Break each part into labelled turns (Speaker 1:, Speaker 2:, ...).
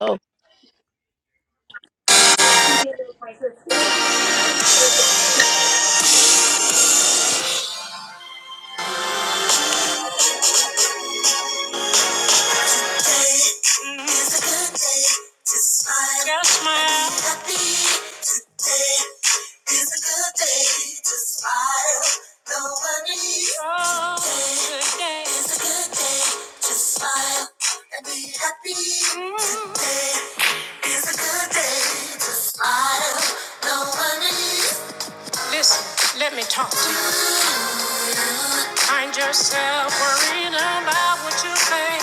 Speaker 1: Oh,
Speaker 2: day. It's a good day to smile. Yeah, Be happy today. It's a good day to smile. No worries. Oh, today. good a good day to smile and be happy Mm. today. It's a good day to smile. No worries. Listen, let me talk. Find yourself worrying about what you think.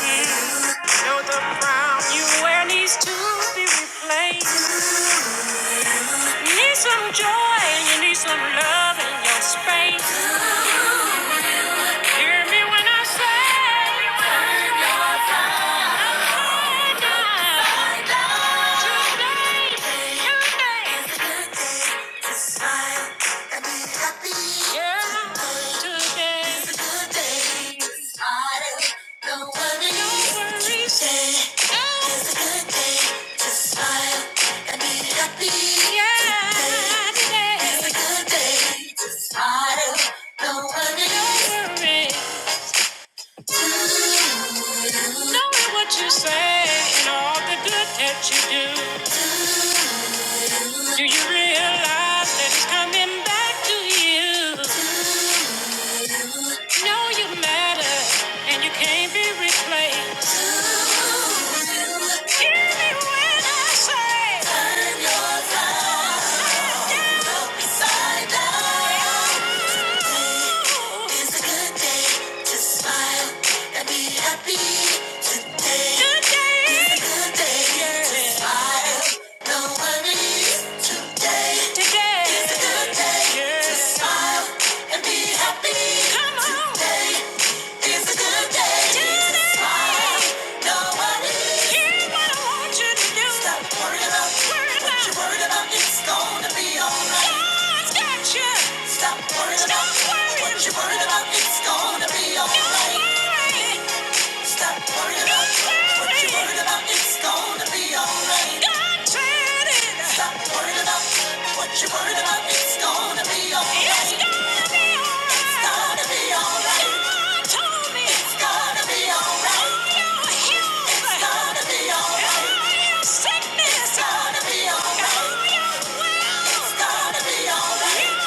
Speaker 2: Know the crown you wear needs to be replaced. You need some joy and you need some love in your space. Hear me when I say, turn your phone down. Knowing what you say and all the good that you do. Do you realize that it's coming back to you? Know you matter and you can't be replaced. Hear me when I say, turn your thoughts upside down. It's a good day to smile and be happy today. Good day. a good day to smile. No worries today. Today. It's a good day to smile and be happy. Come Today. It's a good day to smile. No worries. Hear what Stop worrying about what you're worried about. It's gonna be alright. God's got you. Stop worrying about what you're worried about. It's gonna be alright. Stop worrying about what you're worried about. It's gonna be alright. God said it. Stop worrying about what you're worried about. It's gonna be alright. It's gonna be alright. It's gonna be alright. God told me it's gonna be alright. You're It's gonna be alright. All sickness. It's gonna be alright. All It's gonna be alright.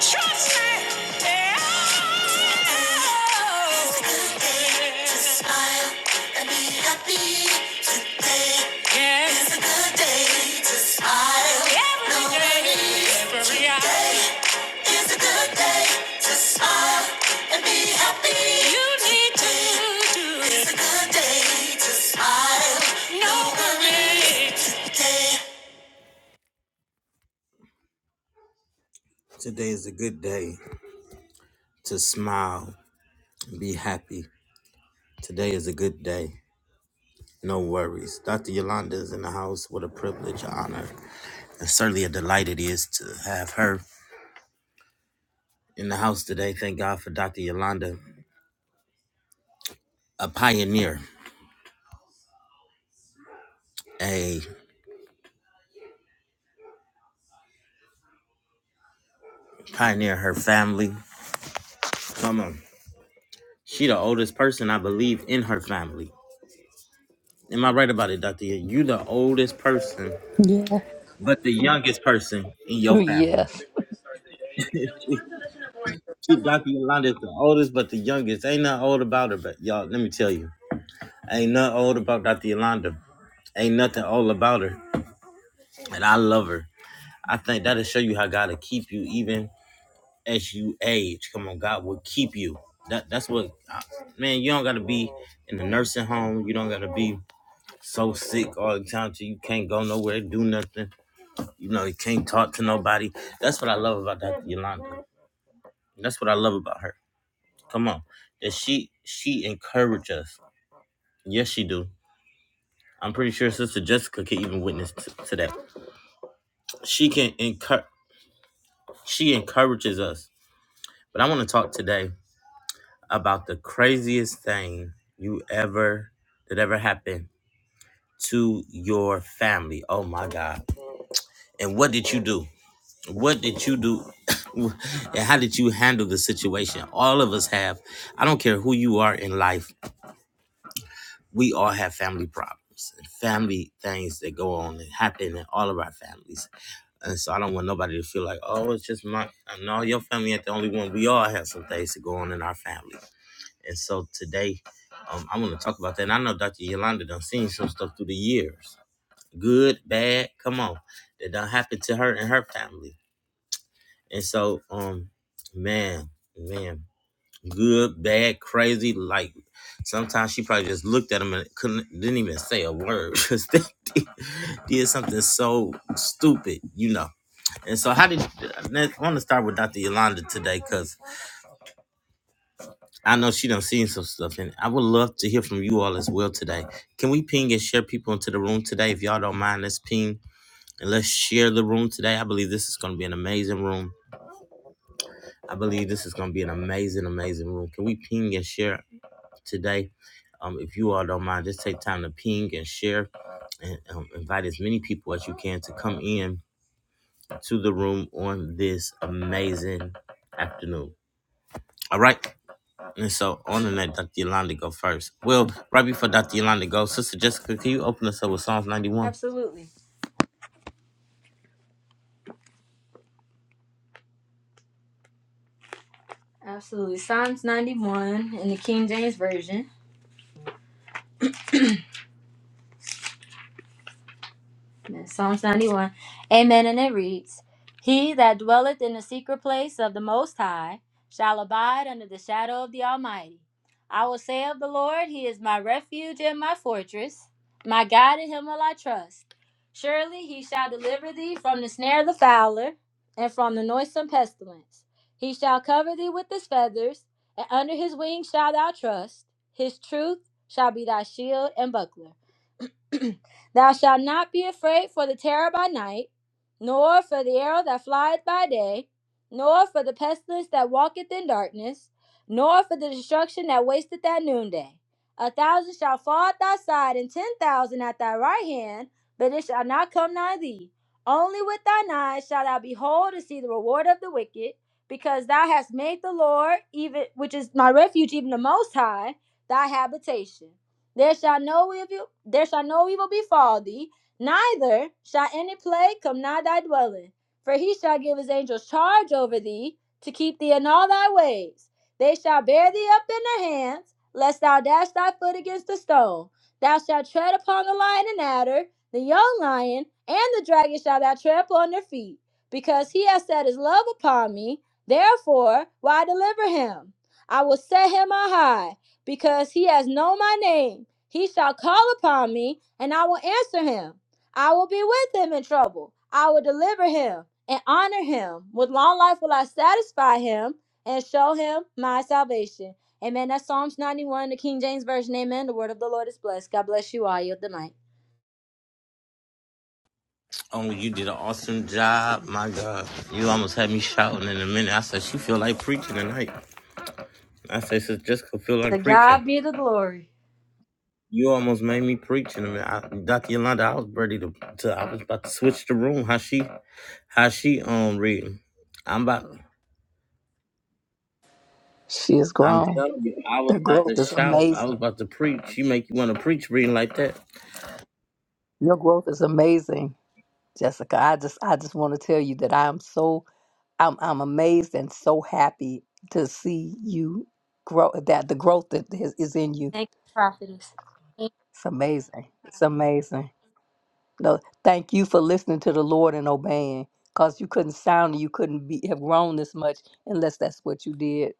Speaker 2: Trust me. Yeah. Today is a good day to smile and be happy. Today is a good day. No worries. Dr. Yolanda is in the house. What a privilege, an honor, and certainly a delight it is to have her in the house today. Thank God for Dr. Yolanda, a pioneer, a pioneer, her family. Come on. She the oldest person, I believe, in her family. Am I right about it, Dr. Y- You the oldest person,
Speaker 1: Yeah.
Speaker 2: but the youngest person in your family.
Speaker 1: yes.
Speaker 2: She, Dr. Yolanda is the oldest, but the youngest. Ain't nothing old about her, but y'all, let me tell you. Ain't nothing old about Dr. Yolanda. Ain't nothing old about her. And I love her. I think that'll show you how God will keep you even as you age. Come on, God will keep you. That that's what I- man, you don't gotta be in the nursing home. You don't gotta be so sick all the time till you can't go nowhere, do nothing. You know, you can't talk to nobody. That's what I love about Dr. Yolanda. That's what I love about her. Come on. That she she encourage us. Yes, she do. I'm pretty sure Sister Jessica can even witness t- to that. She can encourage she encourages us. But I want to talk today. about the craziest thing you ever that ever happened to your family. Oh my God. And what did you do? What did you do? and how did you handle the situation? All of us have, I don't care who you are in life, we all have family problems and family things that go on and happen in all of our families. And so I don't want nobody to feel like, oh, it's just my, no, your family ain't the only one. We all have some things that go on in our family. And so today, um, I want to talk about that. And I know Dr. Yolanda done seen some stuff through the years, good, bad. Come on, that done happened to her and her family. And so, um, man, man, good, bad, crazy. Like sometimes she probably just looked at him and couldn't, didn't even say a word. Just did did something so stupid, you know. And so, how did I want to start with Dr. Yolanda today? cause. I know she done seen some stuff, and I would love to hear from you all as well today. Can we ping and share people into the room today? If y'all don't mind, let's ping and let's share the room today. I believe this is going to be an amazing room. I believe this is going to be an amazing, amazing room. Can we ping and share today? Um, if you all don't mind, just take time to ping and share and um, invite as many people as you can to come in to the room on this amazing afternoon. All right. And so on the net, Dr. Yolanda go first. Well, right before Dr. Yolanda goes, Sister Jessica, can you open us up with Psalms 91?
Speaker 3: Absolutely. Absolutely. Psalms 91 in the King James Version. Amen. Psalms 91. Amen. And it reads He that dwelleth in the secret place of the Most High shall abide under the shadow of the Almighty. I will say of the Lord, He is my refuge and my fortress. My God, in Him will I trust. Surely He shall deliver thee from the snare of the fowler and from the noisome pestilence. He shall cover thee with His feathers, and under His wings shalt thou trust. His truth shall be thy shield and buckler. Thou shalt not be afraid for the terror by night, nor for the arrow that flieth by day, nor for the pestilence that walketh in darkness, nor for the destruction that wasteth at noonday. A thousand shall fall at thy side, and ten thousand at thy right hand, but it shall not come nigh thee. Only with thine eyes shalt thou behold and see the reward of the wicked, because thou hast made the Lord, even which is my refuge, even the Most High, thy habitation. There shall no evil there shall no evil befall thee, neither shall any plague come nigh thy dwelling. For he shall give his angels charge over thee to keep thee in all thy ways. They shall bear thee up in their hands, lest thou dash thy foot against a stone. Thou shalt tread upon the lion and adder, the young lion, and the dragon shall thou trample on their feet, because he has set his love upon me. Therefore, will I deliver him? I will set him on high, because he has known my name. He shall call upon me, and I will answer him. I will be with him in trouble. I will deliver him and honor him. With long life will I satisfy him and show him my salvation. Amen. That's Psalms 91, the King James Version. Amen. The word of the Lord is blessed. God bless you all. I yield the mic.
Speaker 2: Oh, you did an awesome job. My God. You almost had me shouting in a minute. I said, she feel like preaching tonight. I said, Sister Jessica feel
Speaker 3: To
Speaker 2: like preaching.
Speaker 3: God be the glory.
Speaker 2: You almost made me preach in a minute. I, Dr. Yolanda, I was ready to, to, I was about to switch the room. How she, how she um reading. I'm about,
Speaker 1: She is
Speaker 2: I'm
Speaker 1: grown.
Speaker 2: telling you, I was
Speaker 1: The
Speaker 2: about
Speaker 1: growth
Speaker 2: to
Speaker 1: is
Speaker 2: shout. I was
Speaker 1: amazing.
Speaker 2: about to preach. You make you want to preach reading like that.
Speaker 1: Your growth is amazing, Jessica. I just I just want to tell you that I am so I'm I'm amazed and so happy to see you grow that the growth that is, is in you.
Speaker 3: Thank you, prophetess.
Speaker 1: It's amazing. It's amazing. No, thank you for listening to the Lord and obeying. Cause you couldn't sound you couldn't be have grown this much unless that's what you did.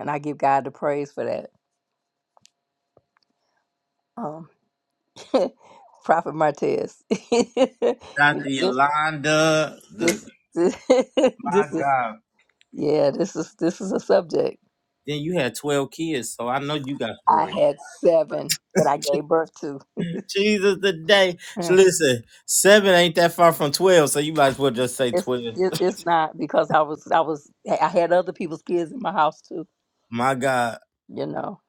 Speaker 1: And I give God the praise for that. Um. Prophet Martez. you know,
Speaker 2: Dr.
Speaker 1: this
Speaker 2: Yolanda, the
Speaker 1: this this, this
Speaker 2: my
Speaker 1: is
Speaker 2: God.
Speaker 1: yeah, this is this is a subject.
Speaker 2: Then you had 12 kids, so I know you got
Speaker 1: I
Speaker 2: stories.
Speaker 1: had seven that I gave birth to.
Speaker 2: Jesus today. So
Speaker 1: Eh,
Speaker 2: Listen, seven ain't that far from 12, so you might as well just say
Speaker 1: It's
Speaker 2: 12.
Speaker 1: it, it's not because I was I was hey, I had other people's kids in my house too.
Speaker 2: My God,
Speaker 1: You know,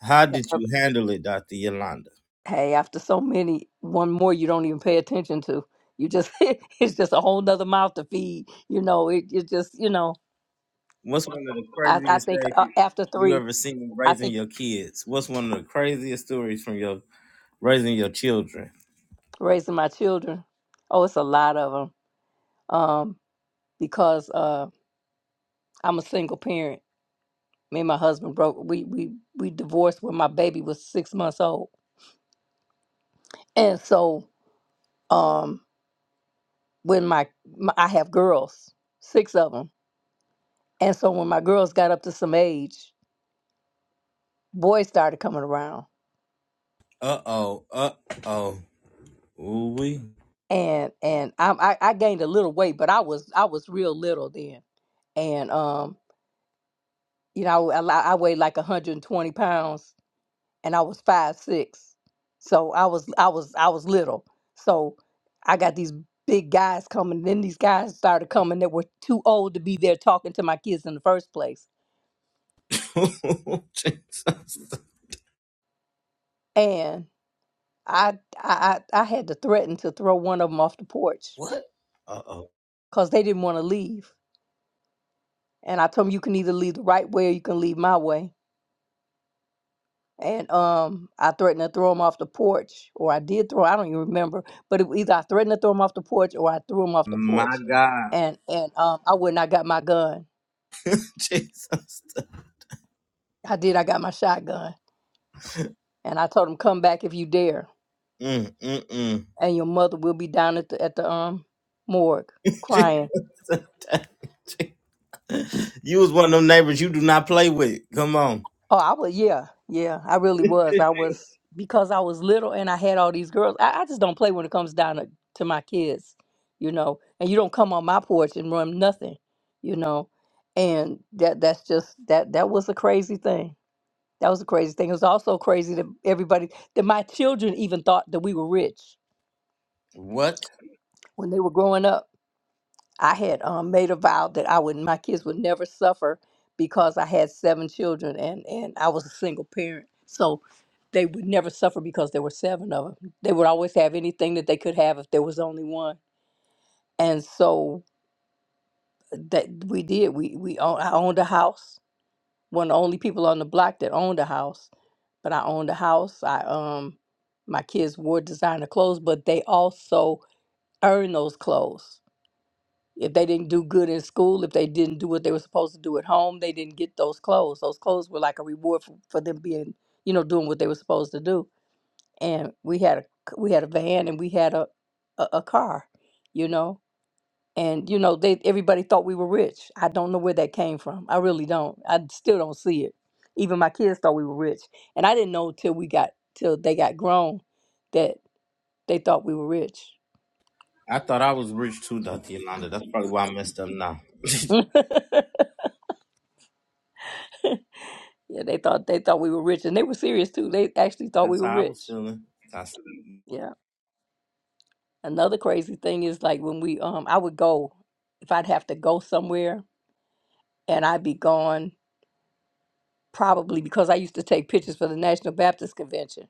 Speaker 2: how
Speaker 1: had
Speaker 2: did
Speaker 1: other,
Speaker 2: you handle it, Dr. Yolanda?
Speaker 1: hey, after so many, one more you don't even pay attention to. You just it's just a whole nother mouth to feed. You know, it it just you know.
Speaker 2: What's one of the
Speaker 1: I I
Speaker 2: craziest
Speaker 1: think uh,
Speaker 2: things
Speaker 1: after
Speaker 2: you
Speaker 1: three,
Speaker 2: ever seen
Speaker 1: I
Speaker 2: raising
Speaker 1: think.
Speaker 2: your kids? What's one of the craziest stories from your raising your children?
Speaker 1: raising my children. Oh, it's a lot of them. Um, because uh, I'm a single parent. Me and my husband broke. We we we divorced when my baby was six months old, and so um, when my, my I have girls, six of them, and so when my girls got up to some age, boys started coming around,
Speaker 2: Uh oh, uh oh. Ooh wee.
Speaker 1: and and I I, I gained a little weight, but I was I was real little then, and um, you know I I, I weighed like 120 pounds and I was five six, so I was I was I was little. So I got these big guys coming. Then these guys started coming that were too old to be there talking to my kids in the first place,
Speaker 2: Jesus.
Speaker 1: and I I I I had to threaten to throw one of them off the porch
Speaker 2: What? Uh oh.
Speaker 1: because they didn't want to leave. And I told them you can either leave the right way or you can leave my way and um I threatened to throw him off the porch, or I did throw. I don't even remember, but it, either I threatened to throw him off the porch, or I threw him off the
Speaker 2: My
Speaker 1: porch,
Speaker 2: God,
Speaker 1: and and um I went and I got my gun.
Speaker 2: Jesus,
Speaker 1: I did. I got my shotgun, and I told him, "Come back if you dare,
Speaker 2: mm, mm, mm.
Speaker 1: and your mother will be down at the at the um morgue crying."
Speaker 2: Jesus, you was one of them neighbors you do not play with. Come on,
Speaker 1: Oh, I was, yeah, yeah, I really was. I was, because I was little and I had all these girls. I, I just don't play when it comes down to, to my kids, you know, and you don't come on my porch and run nothing, you know, and that that's just, that that was a crazy thing. That was a crazy thing. It was also crazy that everybody, that my children even thought that we were rich
Speaker 2: what?
Speaker 1: when they were growing up. I had um, made a vow that I would my kids would never suffer because I had seven children and and I was a single parent, so they would never suffer because there were seven of them. They would always have anything that they could have if there was only one, and so that we did. We we own, I owned a house. One of the only people on the block that owned a house, but I owned a house. I um my kids wore designer clothes, but they also earned those clothes If they didn't do good in school, if they didn't do what they were supposed to do at home, they didn't get those clothes. Those clothes were like a reward for, for them being, you know, doing what they were supposed to do. And we had a we had a van and we had a a, a car, you know. And you know, they everybody thought we were rich. I don't know where that came from. I really don't. I still don't see it. Even my kids thought we were rich, and I didn't know till we got till they got grown that they thought we were rich.
Speaker 2: I thought I was rich too, Doctor Yolanda. That's probably why I messed up now.
Speaker 1: Yeah, they thought they thought we were rich, and they were serious too. They actually thought
Speaker 2: That's
Speaker 1: we were
Speaker 2: how I was
Speaker 1: rich.
Speaker 2: feeling. That's
Speaker 1: Yeah. Another crazy thing is like when we um I would go if I'd have to go somewhere and I'd be gone probably because I used to take pictures for the National Baptist Convention.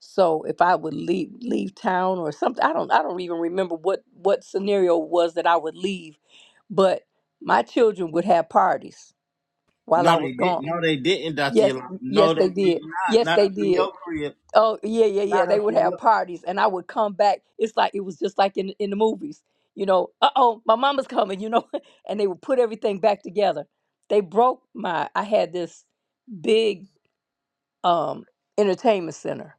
Speaker 1: So if I would leave leave town or something, I don't I don't even remember what what scenario it was that I would leave, but my children would have parties while
Speaker 2: no,
Speaker 1: I
Speaker 2: they
Speaker 1: was
Speaker 2: didn't.
Speaker 1: gone.
Speaker 2: No, they didn't, Doctor
Speaker 1: Yes,
Speaker 2: Yolanda. No,
Speaker 1: yes
Speaker 2: they
Speaker 1: they
Speaker 2: did
Speaker 1: did.
Speaker 2: not.
Speaker 1: Yes
Speaker 2: Not
Speaker 1: they
Speaker 2: up in
Speaker 1: did.
Speaker 2: your crib.
Speaker 1: Oh yeah, yeah, yeah.
Speaker 2: Not
Speaker 1: They
Speaker 2: up
Speaker 1: would
Speaker 2: in
Speaker 1: have
Speaker 2: your.
Speaker 1: parties, and I would come back. It's like it was just like in in the movies, you know. Uh oh, my mama's coming, you know. And they would put everything back together. They broke my. I had this big um entertainment center,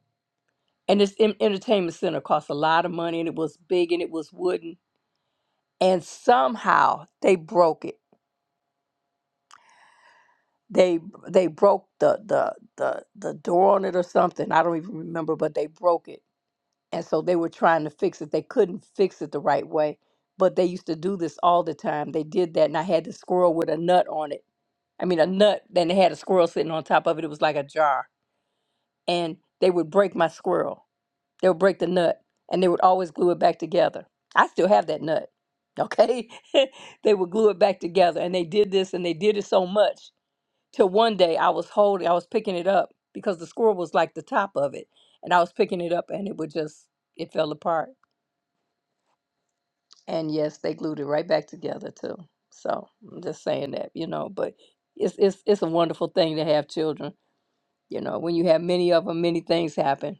Speaker 1: and this en- entertainment center cost a lot of money, and it was big, and it was wooden. And somehow they broke it. They they broke the the the the door on it or something. I don't even remember, but they broke it and so they were trying to fix it. They couldn't fix it the right way, but they used to do this all the time. They did that, and I had the squirrel with a nut on it. I mean, a nut. Then they had a squirrel sitting on top of it. It was like a jar, and they would break my squirrel. They would break the nut, and they would always glue it back together. I still have that nut. Okay, they would glue it back together, and they did this, and they did it so much till one day I was holding, I was picking it up because the squirrel was like the top of it, and I was picking it up, and it would just it fell apart And yes, they glued it right back together too. So I'm just saying that, you know, but it's it's it's a wonderful thing to have children. You know, when you have many of them, many things happen.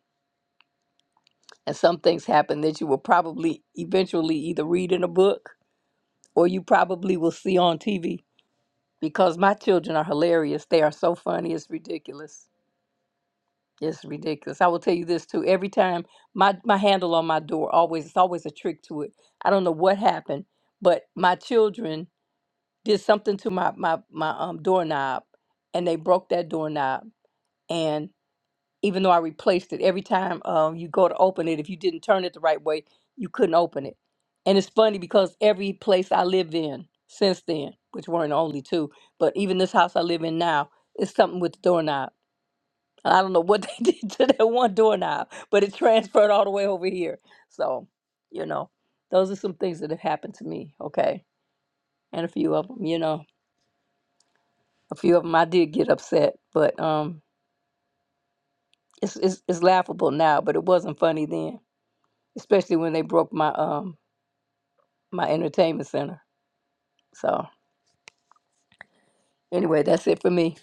Speaker 1: And some things happen that you will probably eventually either read in a book or you probably will see on TV because my children are hilarious. They are so funny, it's ridiculous. It's ridiculous. I will tell you this too. Every time my my handle on my door always it's always a trick to it. I don't know what happened, but my children did something to my my my um doorknob and they broke that doorknob and even though I replaced it every time um you go to open it if you didn't turn it the right way you couldn't open it and it's funny because every place I lived in since then which weren't only two but even this house I live in now it's something with the doorknob and I don't know what they did to that one doorknob but it transferred all the way over here so you know those are some things that have happened to me okay and a few of them you know A few of them I did get upset, but um, it's, it's it's laughable now, but it wasn't funny then, especially when they broke my um my entertainment center. So anyway, that's it for me.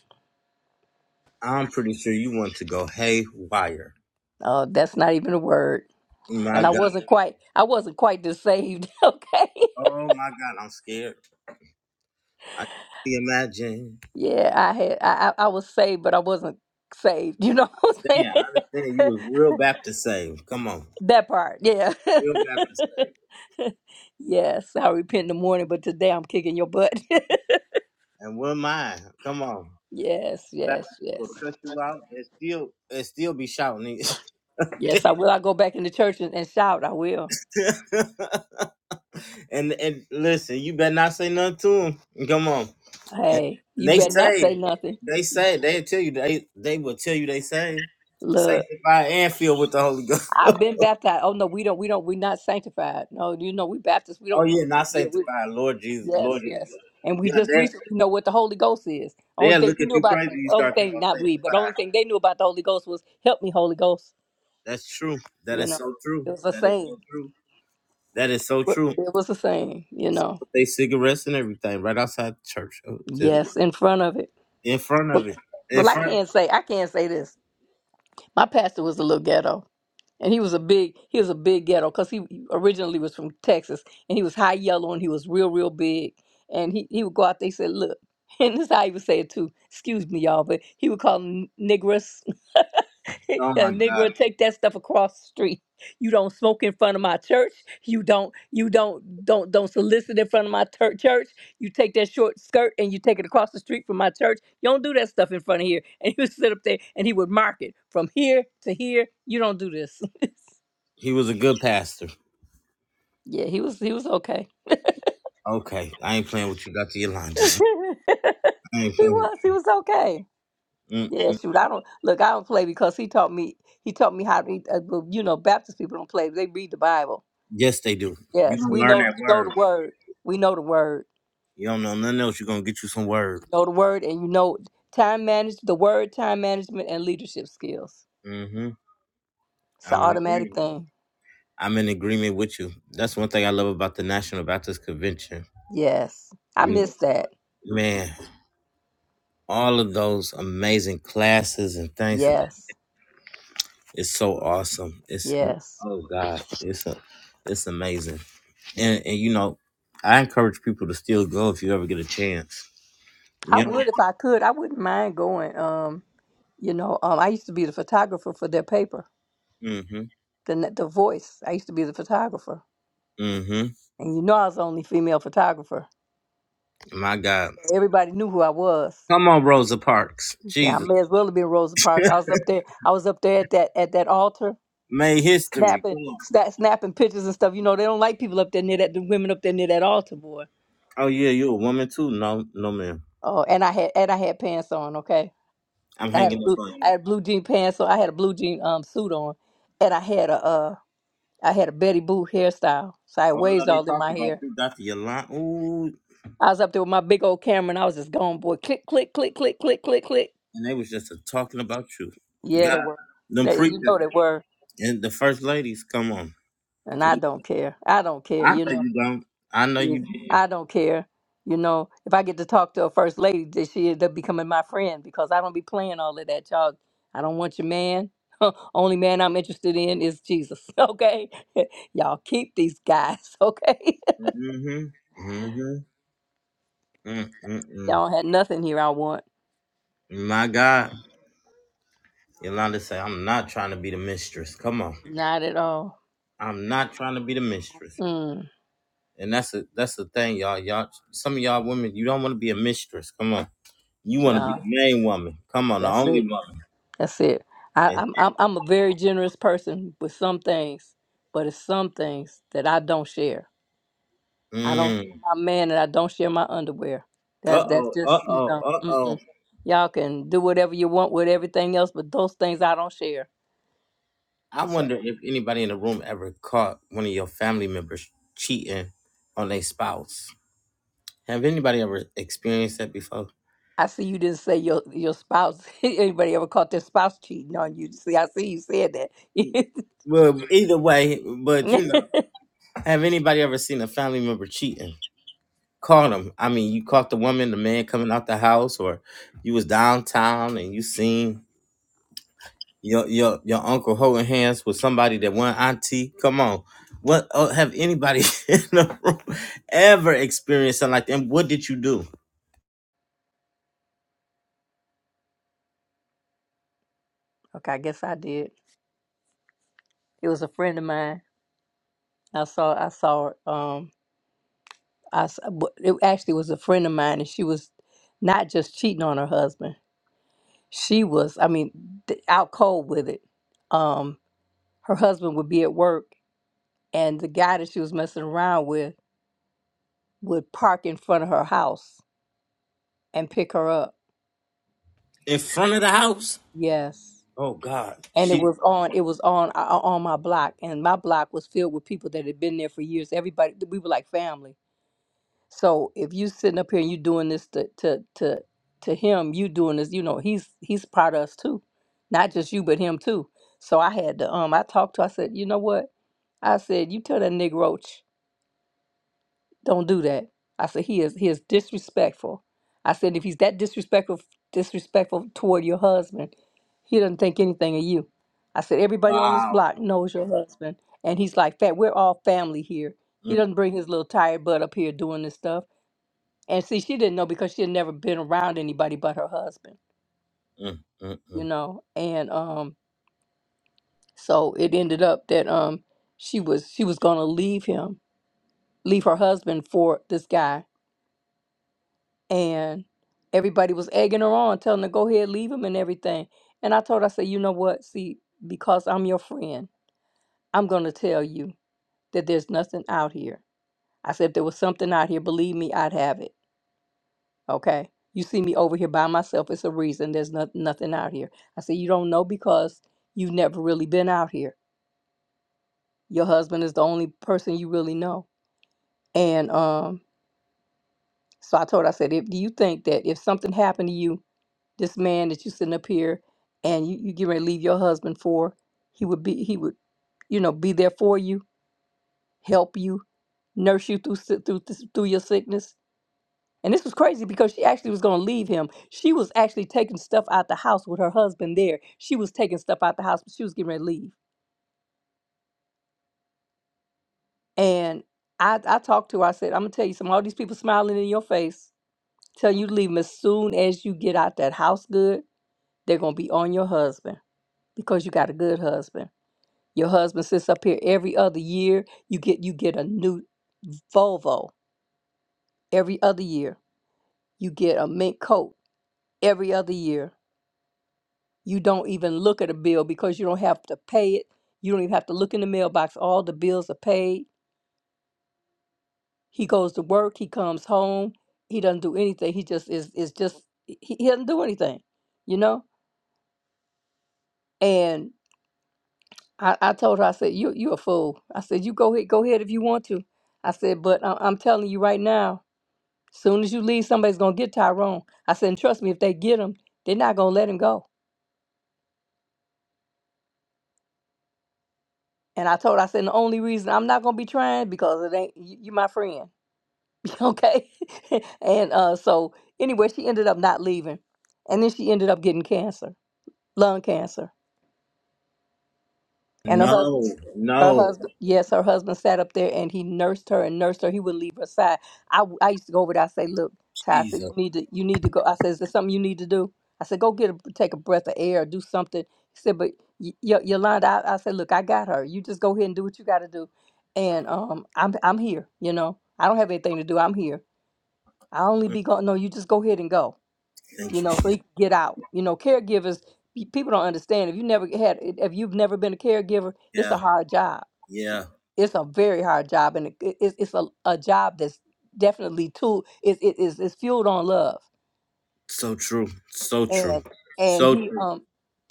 Speaker 2: I'm pretty sure you want to go haywire.
Speaker 1: Uh, that's not even a word,
Speaker 2: My
Speaker 1: and I
Speaker 2: God.
Speaker 1: wasn't quite I wasn't quite this saved. Okay,
Speaker 2: Oh my God, I'm scared. I can imagine.
Speaker 1: yeah, I had I I I was saved, but I wasn't saved. You know what I'm
Speaker 2: Damn, I understand. You
Speaker 1: saying?
Speaker 2: was real Baptist saved. Come on.
Speaker 1: that part, yeah.
Speaker 2: Real Baptist saved.
Speaker 1: Yes, I repent in the morning, but today I'm kicking your butt.
Speaker 2: And what am I? Come on.
Speaker 1: yes,
Speaker 2: Baptist
Speaker 1: yes,
Speaker 2: will
Speaker 1: yes.
Speaker 2: cut you out and still and still be shouting.
Speaker 1: Yes,
Speaker 2: it.
Speaker 1: I will. I go back in the church and, and shout. I will.
Speaker 2: and and listen, you better not say nothing to them. Come on.
Speaker 1: Hey, you
Speaker 2: They
Speaker 1: better not
Speaker 2: say,
Speaker 1: say nothing.
Speaker 2: they say, they tell you they they will tell you they say,
Speaker 1: Look,
Speaker 2: sanctified and filled with the Holy Ghost.
Speaker 1: I've been
Speaker 2: oh
Speaker 1: baptized. Oh no, we don't. We don't. We're not sanctified. No, you know we Baptists. We don't. We,
Speaker 2: yeah, not
Speaker 1: yeah, we,
Speaker 2: sanctified, Lord Jesus,
Speaker 1: yes,
Speaker 2: Lord. Jesus.
Speaker 1: yes. And we
Speaker 2: Yeah,
Speaker 1: just
Speaker 2: they
Speaker 1: recently know what the Holy Ghost is. Only
Speaker 2: they'll
Speaker 1: thing
Speaker 2: look
Speaker 1: we
Speaker 2: at
Speaker 1: knew
Speaker 2: you
Speaker 1: about,
Speaker 2: crazy. You
Speaker 1: only
Speaker 2: start thinking
Speaker 1: thing
Speaker 2: about
Speaker 1: not we, but
Speaker 2: sanctified.
Speaker 1: only thing they knew about the Holy Ghost was "Help me, Holy Ghost."
Speaker 2: That's true. That
Speaker 1: You
Speaker 2: is
Speaker 1: know,
Speaker 2: so true.
Speaker 1: it was a
Speaker 2: That is
Speaker 1: saying.
Speaker 2: so true. That is so true.
Speaker 1: It was a saying. You know,
Speaker 2: They cigarettes and everything right outside the church, Oh, just
Speaker 1: yes, in front of it.
Speaker 2: in front of it. In
Speaker 1: Well, I
Speaker 2: front.
Speaker 1: can't say I can't say this. My pastor was a little ghetto. and he was a big he was a big ghetto because he originally was from Texas and he was high yellow and he was real real big and he, he would go out there he said look and this is how he would say it too excuse me y'all but he would call them niggers
Speaker 2: Oh my
Speaker 1: and
Speaker 2: God,
Speaker 1: nigger take that stuff across the street you don't smoke in front of my church you don't you don't don't don't solicit in front of my tur church you take that short skirt and you take it across the street from my church you don't do that stuff in front of here and he would sit up there and he would mark it from here to here you don't do this
Speaker 2: he was a good pastor.
Speaker 1: Yeah, he was he was okay.
Speaker 2: Okay, I ain't playing with you, Doctor Yolanda.
Speaker 1: he
Speaker 2: I ain't playing. with
Speaker 1: was he was okay.
Speaker 2: you.
Speaker 1: Yeah,
Speaker 2: Mm-mm.
Speaker 1: shoot, I don't look. I don't play because he taught me. He taught me how to. read, Uh, well, you know, Baptist people don't play. They read the Bible.
Speaker 2: Yes, they do. You
Speaker 1: Yes,
Speaker 2: gonna
Speaker 1: we
Speaker 2: learn
Speaker 1: know.
Speaker 2: that
Speaker 1: We know the
Speaker 2: word.
Speaker 1: word. We know the word.
Speaker 2: You don't know nothing else. You gonna get you some
Speaker 1: You
Speaker 2: word.
Speaker 1: know the word, and you know time manage the word, time management, and leadership skills.
Speaker 2: Mm-hmm.
Speaker 1: It's
Speaker 2: I'm
Speaker 1: an
Speaker 2: in
Speaker 1: automatic
Speaker 2: agreement.
Speaker 1: thing.
Speaker 2: I'm in agreement with you. That's one thing I love about the National Baptist Convention.
Speaker 1: Yes, I
Speaker 2: You
Speaker 1: miss that.
Speaker 2: know, man. all of those amazing classes and things.
Speaker 1: Yes,
Speaker 2: It's so awesome. It's
Speaker 1: yes.
Speaker 2: oh God, it's a, it's amazing. And and you know, I encourage people to still go if you ever get a chance.
Speaker 1: I
Speaker 2: You know,
Speaker 1: would if I could. I wouldn't mind going. Um, you know, um, I used to be the photographer for their paper
Speaker 2: mm-hmm,
Speaker 1: the the voice. I used to be the photographer,
Speaker 2: mm-hmm.
Speaker 1: and you know I was the only female photographer.
Speaker 2: My God,
Speaker 1: Everybody knew who I was.
Speaker 2: come on, Rosa Parks.
Speaker 1: Yeah, I
Speaker 2: Jesus
Speaker 1: may as well have been Rosa Parks. I was up there. I was up there at that at that altar,
Speaker 2: made history.
Speaker 1: snapping
Speaker 2: Come on.
Speaker 1: snap, snapping pictures and stuff. You know they don't like people up there near that the women up there near that altar, boy.
Speaker 2: Oh yeah, you a woman too? No, no, ma'am.
Speaker 1: Oh, and I had and I had pants on. Okay,
Speaker 2: I'm
Speaker 1: I had a
Speaker 2: hanging up
Speaker 1: blue
Speaker 2: on
Speaker 1: I
Speaker 2: you.
Speaker 1: had blue jean pants on. I had a blue jean um suit on, and I had a uh I had a Betty Boo hairstyle, so I had
Speaker 2: Oh
Speaker 1: waves
Speaker 2: no, they
Speaker 1: all in
Speaker 2: talked
Speaker 1: my
Speaker 2: about
Speaker 1: hair
Speaker 2: you, Doctor Yolanda. Ooh,
Speaker 1: I was up there with my big old camera and I was just going, boy, click, click, click, click, click, click, click.
Speaker 2: and they was just a talking about you.
Speaker 1: Yeah, they
Speaker 2: God,
Speaker 1: were.
Speaker 2: them
Speaker 1: They, you
Speaker 2: preachers.
Speaker 1: know, they were.
Speaker 2: And the first ladies, come on.
Speaker 1: And I don't care. I don't care.
Speaker 2: I
Speaker 1: You
Speaker 2: know
Speaker 1: know,
Speaker 2: you don't. I know you
Speaker 1: Is-
Speaker 2: did.
Speaker 1: I don't care. You know, if I get to talk to a first lady, that she end up becoming my friend because I don't be playing all of that, y'all. I don't want your man. Only man I'm interested in is Jesus. Okay, y'all keep these guys. Okay,
Speaker 2: not Mm-hmm. Mm-hmm. Mm-mm-mm.
Speaker 1: y'all had nothing here. I want
Speaker 2: My God. Yolanda say, I'm not trying to be the mistress. Come on.
Speaker 1: not at all.
Speaker 2: I'm not trying to be the mistress.
Speaker 1: Mm,
Speaker 2: And that's a that's the thing, y'all. Y'all some of y'all women, you don't want to be a mistress. Come on. You want to be
Speaker 1: no,
Speaker 2: the main woman. Come on, the
Speaker 1: that's
Speaker 2: only
Speaker 1: it.
Speaker 2: woman.
Speaker 1: That's it. I,
Speaker 2: And-
Speaker 1: I'm I'm I'm a very generous person with some things, but it's some things that I don't share. I don't
Speaker 2: Mm.
Speaker 1: share my man, and I don't share my underwear. That's that's
Speaker 2: Uh-oh,
Speaker 1: just you
Speaker 2: uh-oh,
Speaker 1: know.
Speaker 2: uh-oh.
Speaker 1: Mm-mm. Y'all can do whatever you want with everything else, but those things I don't share.
Speaker 2: I
Speaker 1: So
Speaker 2: wonder if anybody in the room ever caught one of your family members cheating on their spouse. Have anybody ever experienced that before?
Speaker 1: I see you didn't say your your spouse. Anybody ever caught their spouse cheating on you? See, I see you said that.
Speaker 2: Well, either way, but you know, have anybody ever seen a family member cheating? Caught them. I mean, you caught the woman, the man coming out the house, or you was downtown and you seen your your your uncle holding hands with somebody that one auntie. Come on, what oh, have anybody in the room ever experienced something like that? And what did you do
Speaker 1: okay, I guess I did. It was a friend of mine. I saw I saw it. Um, I s- but it actually was a friend of mine, and she was not just cheating on her husband. She was, I mean, th- out cold with it. Um, her husband would be at work, and the guy that she was messing around with would park in front of her house and pick her up.
Speaker 2: in front of the house?
Speaker 1: Yes,
Speaker 2: Oh God,
Speaker 1: and it
Speaker 2: she
Speaker 1: was on. It was on o- on my block, and my block was filled with people that had been there for years. Everybody, we were like family So if you sitting up here and you doing this to to to to him, you doing this, you know, he's he's proud of us too. Not just you, but him too. So I had to um I talked to I said, you know what? I said, you tell that nigga Roach, don't do that. I said, he is he is disrespectful. I said, if he's that disrespectful disrespectful toward your husband, he doesn't think anything of you. I said, everybody on this
Speaker 2: wow.
Speaker 1: block knows your husband. And he's like, Fat, we're all family here. He
Speaker 2: Mm,
Speaker 1: doesn't bring his little tired butt up here doing this stuff. And see, she didn't know because she had never been around anybody but her husband,
Speaker 2: mm, mm,
Speaker 1: you
Speaker 2: mm.
Speaker 1: know. And um, so it ended up that um, she was she was gonna leave him, leave her husband for this guy, and everybody was egging her on, telling her go ahead, leave him and everything. And I told her, I said, you know what? See, because I'm your friend, I'm gonna tell you that there's nothing out here. I said, if there was something out here, believe me, I'd have it. Okay. You see me over here by myself. It's a reason. There's not, nothing out here. I said, You don't know because you've never really been out here. Your husband is the only person you really know. And um, so I told her, I said, if, Do you think that if something happened to you, this man that you sitting up here and you, you get ready to leave your husband for, he would be, he would, you know, be there for you, help you, nurse you through, si- through, this- through your sickness? And this was crazy because she actually was going to leave him. She was actually taking stuff out the house with her husband there. She was taking stuff out the house, but she was getting ready to leave. And I, I talked to her. I said, I'm going to tell you something. All these people smiling in your face, telling you to leave 'em as soon as you get out that house good, they're going to be on your husband because you got a good husband. Your husband sits up here every other year. You get you get a new Volvo every other year. You get a mint coat every other year You don't even look at a bill because you don't have to pay it. You don't even have to look in the mailbox. All the bills are paid. He goes to work. He comes home. He doesn't do anything. He just is is just he, he doesn't do anything, you know? And I, I told her, I said, You you a fool. I said, You go ahead, go ahead if you want to. I said, but I, I'm telling you right now, soon as you leave, somebody's gonna get Tyrone. I said, and trust me, if they get him, they're not gonna let him go. And I told her, I said, the only reason I'm not gonna be trying because it ain't you, you my friend. Okay. and uh, so anyway, she ended up not leaving, and then she ended up getting cancer, lung cancer, and her husband.
Speaker 2: No,
Speaker 1: Her
Speaker 2: no,
Speaker 1: husband, yes, her husband sat up there and he nursed her and nursed her. He would leave her side. I, w- I used to go over there. I say, look, Ty, I said you
Speaker 2: Jesus.
Speaker 1: need to you need to go. I said, is there something you need to do? I said, go get a, take a breath of air, do something. He said, but y- y- Yolanda, I, I said, look, I got her. You just go ahead and do what you got to do, and um, I'm I'm here. You know, I don't have anything to do. I'm here. I only be going. No, you just go ahead and go.
Speaker 2: Thank
Speaker 1: You
Speaker 2: you,
Speaker 1: know, so
Speaker 2: Jesus.
Speaker 1: he can get out. You know, caregivers. pe- People don't understand. If you never had, if you've never been a caregiver, it's a
Speaker 2: Yeah,
Speaker 1: hard job.
Speaker 2: yeah.
Speaker 1: It's a very hard job, and it, it- it's it's a, a job that's definitely too. It it is it's fueled on love.
Speaker 2: So true. So true.
Speaker 1: And and
Speaker 2: So
Speaker 1: he
Speaker 2: true.
Speaker 1: um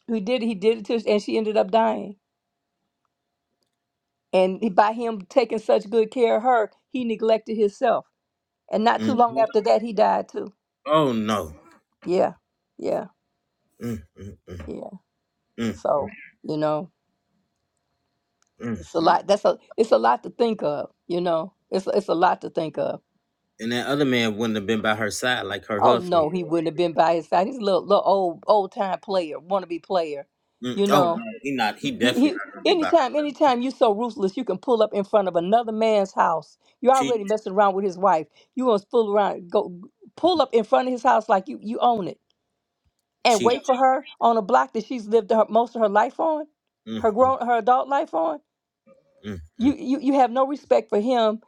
Speaker 1: he did he did it to and she ended up dying. And he- by him taking such good care of her, he neglected himself. And not too
Speaker 2: Mm.
Speaker 1: long after that, he died too.
Speaker 2: Oh no.
Speaker 1: Yeah, yeah,
Speaker 2: Mm, mm, mm,
Speaker 1: yeah.
Speaker 2: mm,
Speaker 1: So you know.
Speaker 2: mm.
Speaker 1: It's a lot. That's a. It's a lot to think of. You know. It's it's a lot to think of.
Speaker 2: And that other man wouldn't have been by her side like her
Speaker 1: Oh
Speaker 2: husband.
Speaker 1: no, he wouldn't have been by his side. He's a little little old old time player, wannabe player.
Speaker 2: Mm.
Speaker 1: You
Speaker 2: Oh
Speaker 1: know.
Speaker 2: no, he not. He
Speaker 1: He
Speaker 2: definitely
Speaker 1: he.
Speaker 2: not gonna be by her.
Speaker 1: Anytime, anytime you're so ruthless, you can pull up in front of another man's house. You're
Speaker 2: Cheat,
Speaker 1: already messing around with his wife. You gonna fool around? Go pull up in front of his house like you you own it, and
Speaker 2: cheat.
Speaker 1: wait for her on a block that she's lived her, most of her life on,
Speaker 2: Mm,
Speaker 1: her
Speaker 2: mm,
Speaker 1: grown her adult life on.
Speaker 2: mm,
Speaker 1: you
Speaker 2: mm.
Speaker 1: you you have no respect for him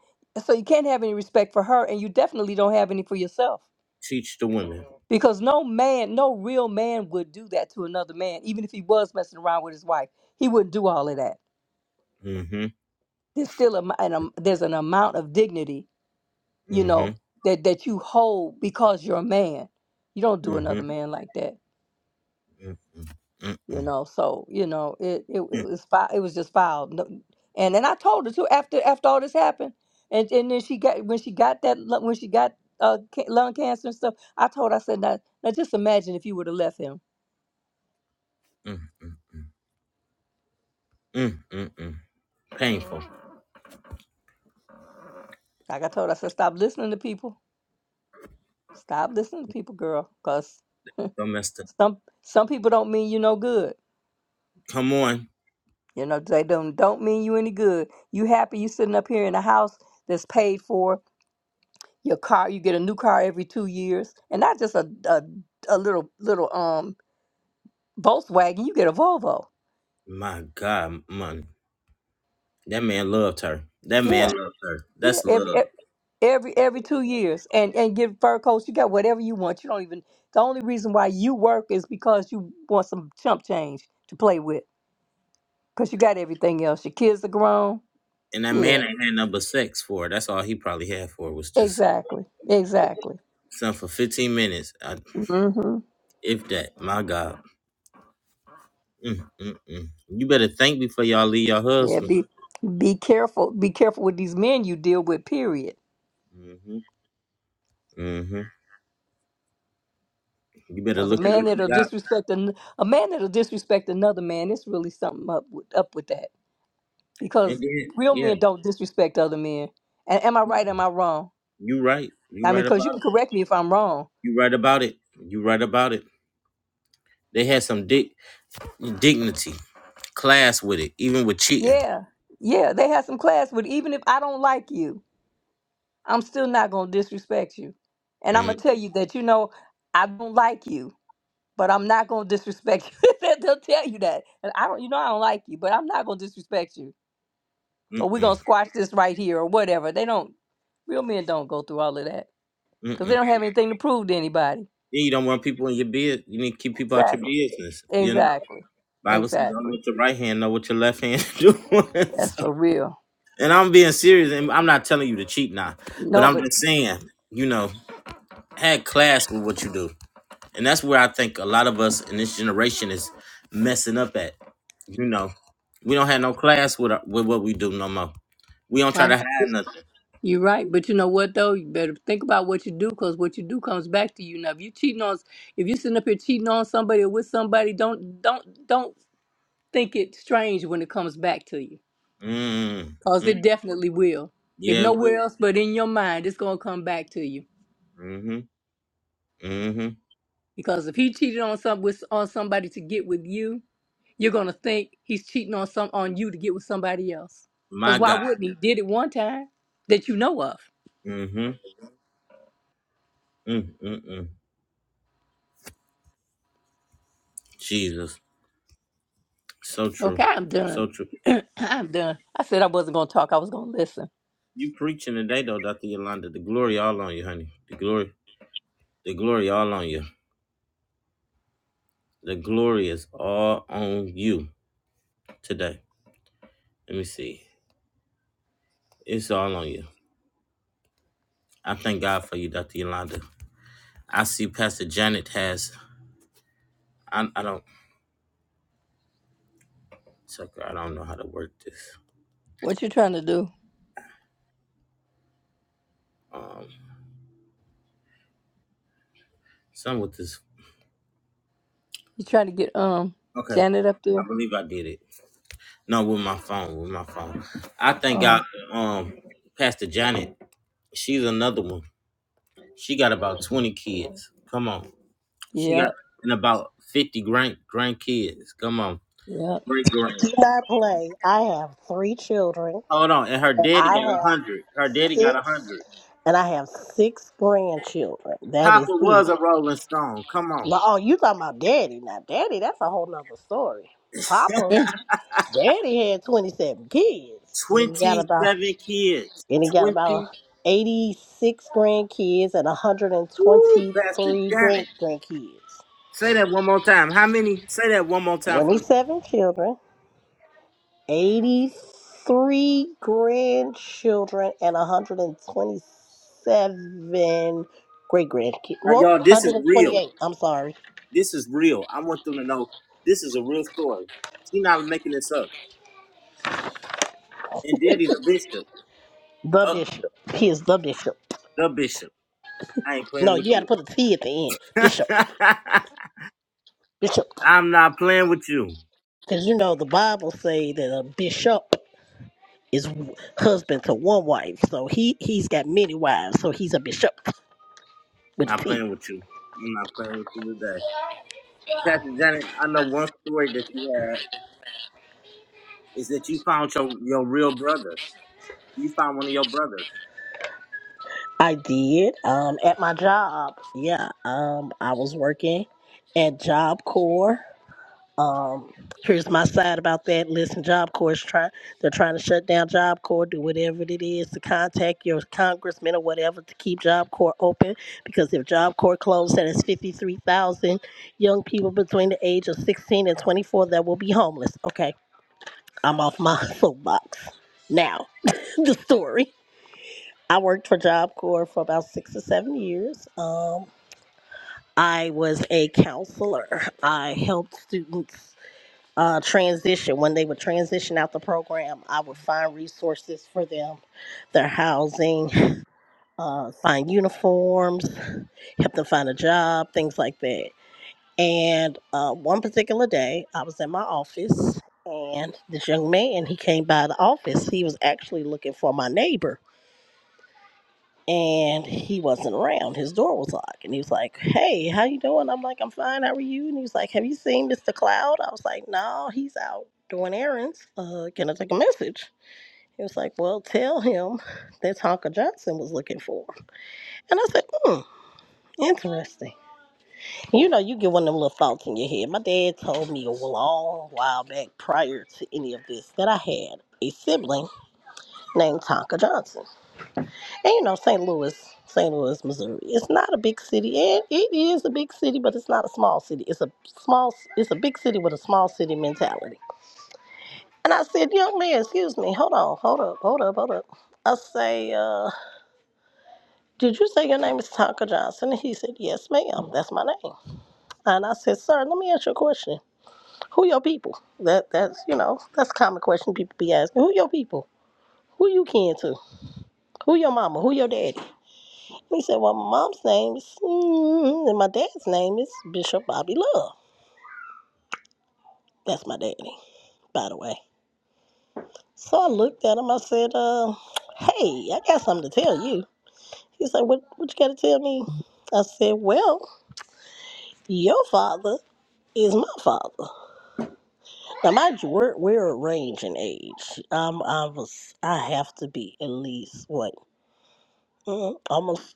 Speaker 1: so you can't have any respect for her and you definitely don't have any for yourself
Speaker 2: Teach the women.
Speaker 1: because no man no real man would do that to another man even if he was messing around with his wife he wouldn't do all of that
Speaker 2: Mm-hmm.
Speaker 1: there's still a, mi- an, um, there's an amount of dignity you know
Speaker 2: Mm-hmm.
Speaker 1: that that you hold because you're a man you don't do
Speaker 2: Mm-hmm.
Speaker 1: another man like that
Speaker 2: Mm-hmm. mm hmm
Speaker 1: you know so you know it it, it was fi- it was just filed No- and and i told her too after after all this happened and and then she got when she got that lu- when she got uh ca- lung cancer and stuff i told her i said now, now just imagine if you would have left him
Speaker 2: mm hmm mm hmm Painful.
Speaker 1: like i told her i said stop listening to people stop listening to people girl because
Speaker 2: Don't mess up.
Speaker 1: some some people don't mean you no good
Speaker 2: Come on.
Speaker 1: you know they don't don't mean you any good you happy you sitting up here in a house that's paid for your car you get a new car every two years and not just a a, a little little um volkswagen you get a volvo
Speaker 2: My God, man. That man loved her. That man
Speaker 1: yeah
Speaker 2: loved her.
Speaker 1: yeah
Speaker 2: That's
Speaker 1: every
Speaker 2: love.
Speaker 1: e- every every two years and and get fur coats you got whatever you want you don't even the only reason why you work is because you want some chump change to play with because you got everything else your kids are grown
Speaker 2: And that
Speaker 1: yeah
Speaker 2: man ain't had number six for it. That's all he probably had for it was just
Speaker 1: exactly exactly
Speaker 2: something for 15 minutes. I,
Speaker 1: mm-hmm
Speaker 2: if that, my God. Mm, mm, mm. You better think before y'all leave your
Speaker 1: yeah
Speaker 2: husband.
Speaker 1: be be careful be careful with these men you deal with period
Speaker 2: hmm hmm You better
Speaker 1: Cause a
Speaker 2: look at
Speaker 1: man
Speaker 2: what you
Speaker 1: that'll
Speaker 2: got.
Speaker 1: disrespect an, a man that'll disrespect another man, it's really something up with, up with that.
Speaker 2: And
Speaker 1: Because
Speaker 2: then,
Speaker 1: real
Speaker 2: yeah,
Speaker 1: men don't disrespect other men. And am I right? Am I wrong?
Speaker 2: you right.
Speaker 1: I
Speaker 2: You
Speaker 1: mean,
Speaker 2: right
Speaker 1: cause you
Speaker 2: about
Speaker 1: can
Speaker 2: it.
Speaker 1: correct me if I'm wrong.
Speaker 2: You right about it. You right about it. They had some dig- dignity, class with it, even with cheating.
Speaker 1: Yeah, yeah. They have some class with even if I don't like you, I'm still not gonna disrespect you. And I'm gonna
Speaker 2: Mm,
Speaker 1: tell you that you know I don't like you, but I'm not gonna disrespect you. They'll tell you that. And I don't, you know, I don't like you, but I'm not gonna disrespect you.
Speaker 2: mm,
Speaker 1: or we're
Speaker 2: mm, mm,
Speaker 1: gonna squash this right here or whatever. They don't real men don't go through all of that
Speaker 2: mm.
Speaker 1: because they
Speaker 2: Then
Speaker 1: don't have anything to prove to anybody.
Speaker 2: You don't want people in your bed. You need to keep people out your
Speaker 1: Exactly.
Speaker 2: business. You know.
Speaker 1: Exactly.
Speaker 2: Bible says, "Don't
Speaker 1: Exactly.
Speaker 2: let your right hand know what your left hand doing."
Speaker 1: That's
Speaker 2: So-
Speaker 1: for real.
Speaker 2: and I'm being serious, and I'm not telling you to cheat now, but
Speaker 1: No,
Speaker 2: I'm
Speaker 1: but
Speaker 2: just saying, you know, had class with what you do, and that's where I think a lot of us in this generation is messing up at. You know, we don't have no class with our, with what we do no more. We don't try
Speaker 1: I
Speaker 2: to
Speaker 1: know
Speaker 2: hide
Speaker 1: this-
Speaker 2: nothing.
Speaker 1: you're right. But you know what though? You better think about what you do because what you do comes back to you. Now, if you cheating on, if you sitting up here cheating on somebody or with somebody, don't don't don't think it strange when it comes back to you
Speaker 2: Mm,
Speaker 1: because
Speaker 2: mm,
Speaker 1: it definitely will. If
Speaker 2: yeah,
Speaker 1: nowhere
Speaker 2: we.
Speaker 1: else but in your mind, it's gonna come back to you.
Speaker 2: Mm-hmm. Mm-hmm.
Speaker 1: Because if he cheated on some with on somebody to get with you, you're gonna think he's cheating on some on you to get with somebody else.
Speaker 2: My
Speaker 1: Cause why
Speaker 2: God.
Speaker 1: wouldn't he? Did it one time that you know of.
Speaker 2: Mm-hmm. Mm-mm-mm. Jesus. So true.
Speaker 1: Okay, I'm
Speaker 2: So
Speaker 1: done.
Speaker 2: true.
Speaker 1: I'm done. I said I wasn't gonna talk. I was gonna listen.
Speaker 2: You preaching today though, Dr. Yolanda. The glory all on you, honey. The glory, the glory all on you. The glory is all on you today. Let me see. It's all on you. I thank God for you, Dr. Yolanda. I see Pastor Janet has I I don't sucker, I don't know how to work this.
Speaker 1: What you trying to do?
Speaker 2: Um some with this
Speaker 1: You trying to get um
Speaker 2: okay.
Speaker 1: Janet up
Speaker 2: I
Speaker 1: there?
Speaker 2: believe I did it. No, with my phone, with my phone. I thank God
Speaker 1: Oh,
Speaker 2: um Pastor Janet, she's another one. She got about twenty kids. Come on. She
Speaker 1: yeah,
Speaker 2: got in about fifty grand grandkids. Come on,
Speaker 1: yeah.
Speaker 2: great grand.
Speaker 4: I play. I have three children,
Speaker 2: Hold on, and her
Speaker 4: and
Speaker 2: daddy
Speaker 4: I
Speaker 2: got a
Speaker 4: have
Speaker 2: hundred. Her daddy got a
Speaker 4: six,
Speaker 2: hundred.
Speaker 4: and I have six grandchildren. That
Speaker 2: Papa
Speaker 4: is it.
Speaker 2: was a Rolling Stone. Come on,
Speaker 4: Now, oh, you talking about daddy? Now, daddy, that's a whole nother story. Papa,
Speaker 1: Mm.
Speaker 4: daddy had twenty seven kids, and he got about
Speaker 2: twenty-seven kids.
Speaker 4: and he got about
Speaker 2: Twenty.
Speaker 4: eighty six grandkids and one hundred and
Speaker 2: Woo,
Speaker 4: twenty
Speaker 2: Pastor
Speaker 4: three great
Speaker 2: Janet.
Speaker 4: grandkids.
Speaker 2: Say that one more time. How many? Say that one more time for
Speaker 4: Twenty
Speaker 2: me.
Speaker 4: seven children. 83 grandchildren and 127 great grandkids.
Speaker 2: Now,
Speaker 4: Well,
Speaker 2: y'all, this is real.
Speaker 4: 128. I'm sorry.
Speaker 2: This is real. I want them to know this is a real story. She's not making this up. And daddy's a bishop.
Speaker 4: The
Speaker 2: Oh,
Speaker 4: bishop. He is the bishop.
Speaker 2: the bishop. I ain't
Speaker 4: No,
Speaker 2: playing with
Speaker 4: you got to put a T at the end. Bishop.
Speaker 2: you.
Speaker 4: Bishop.
Speaker 2: I'm not playing with you.
Speaker 4: Because you know the Bible say that a bishop is w- husband to one wife. So he, he's got many wives. So he's a bishop with a
Speaker 2: Not
Speaker 4: T.
Speaker 2: playing with you. I'm not playing with you today. Pastor Janet, I know one story that you had is that you found your, your real brother. You found one of your brothers.
Speaker 4: I did. Um, at my job. Yeah. Um, I was working at Job Corps Um, here's my side about that. Listen, Job Corps is trying, they're trying to shut down Job Corps, do whatever it is to contact your congressman or whatever to keep Job Corps open. Because if Job Corps closed, that is 53,000 young people between the age of 16 and 24 that will be homeless. Okay, I'm off my soapbox. Now, the story. I worked for Job Corps for about six or seven years. Um, I was a counselor. I helped students uh, transition, when they would transition out the program, I would find resources for them, their housing, uh, find uniforms, help them find a job, things like that. And uh, one particular day, I was in my office, and this young man he came by the office. He was actually looking for my neighbor and he wasn't around. His door was locked, and he was like, "Hey, how you doing?" I'm like, "I'm fine. How are you?" And he was like, "Have you seen Mr. Cloud?" I was like, "No, he's out doing errands. Uh, can I take a message?" He was like, "Well, tell him that Tonka Johnson was looking for." him." And I said, "Hmm, interesting." You know, you get one of them little thoughts in your head. My dad told me a long while back, prior to any of this, that I had a sibling named Tonka Johnson. And you know, St. Louis, St. Louis, Missouri. It's not a big city, and it is a big city, but it's not a small city. It's a small, it's a big city with a small city mentality. And I said, young man, excuse me, hold on, hold up, hold up, hold up. I say, uh, did you say your name is Tonka Johnson? And he said, yes, ma'am, that's my name. And I said, sir, let me ask you a question. Who your people? That that's you know, that's a common question people be asking. Who your people? Who you kin to? Who your mama? Who your daddy? He said, Well, my mom's name is, mm, and my dad's name is Bishop Bobby Love. That's my daddy, by the way. So I looked at him. I said, uh, Hey, I got something to tell you. He said, What, what you got to tell me? I said, Well, your father is my father. Now, mind you, we're, we're a range in age. Um, I was, I have to be at least, what, mm, almost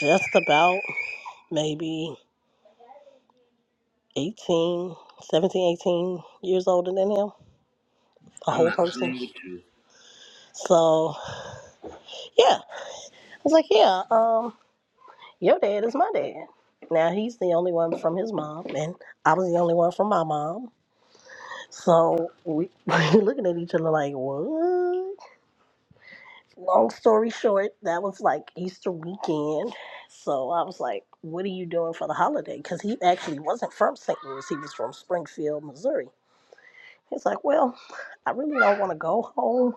Speaker 4: just about maybe 18, 17, 18 years older than him, a
Speaker 2: I'm
Speaker 4: whole
Speaker 2: not
Speaker 4: person.
Speaker 2: playing with you.
Speaker 4: So yeah, I was like, yeah, um, your dad is my dad. Now he's the only one from his mom, and I was the only one from my mom. So we we looking at each other like, what? Long story short, that was like Easter weekend. So I was like, what are you doing for the holiday? Because he actually wasn't from St. Louis; he was from Springfield, Missouri. He's like, well, I really don't want to go home.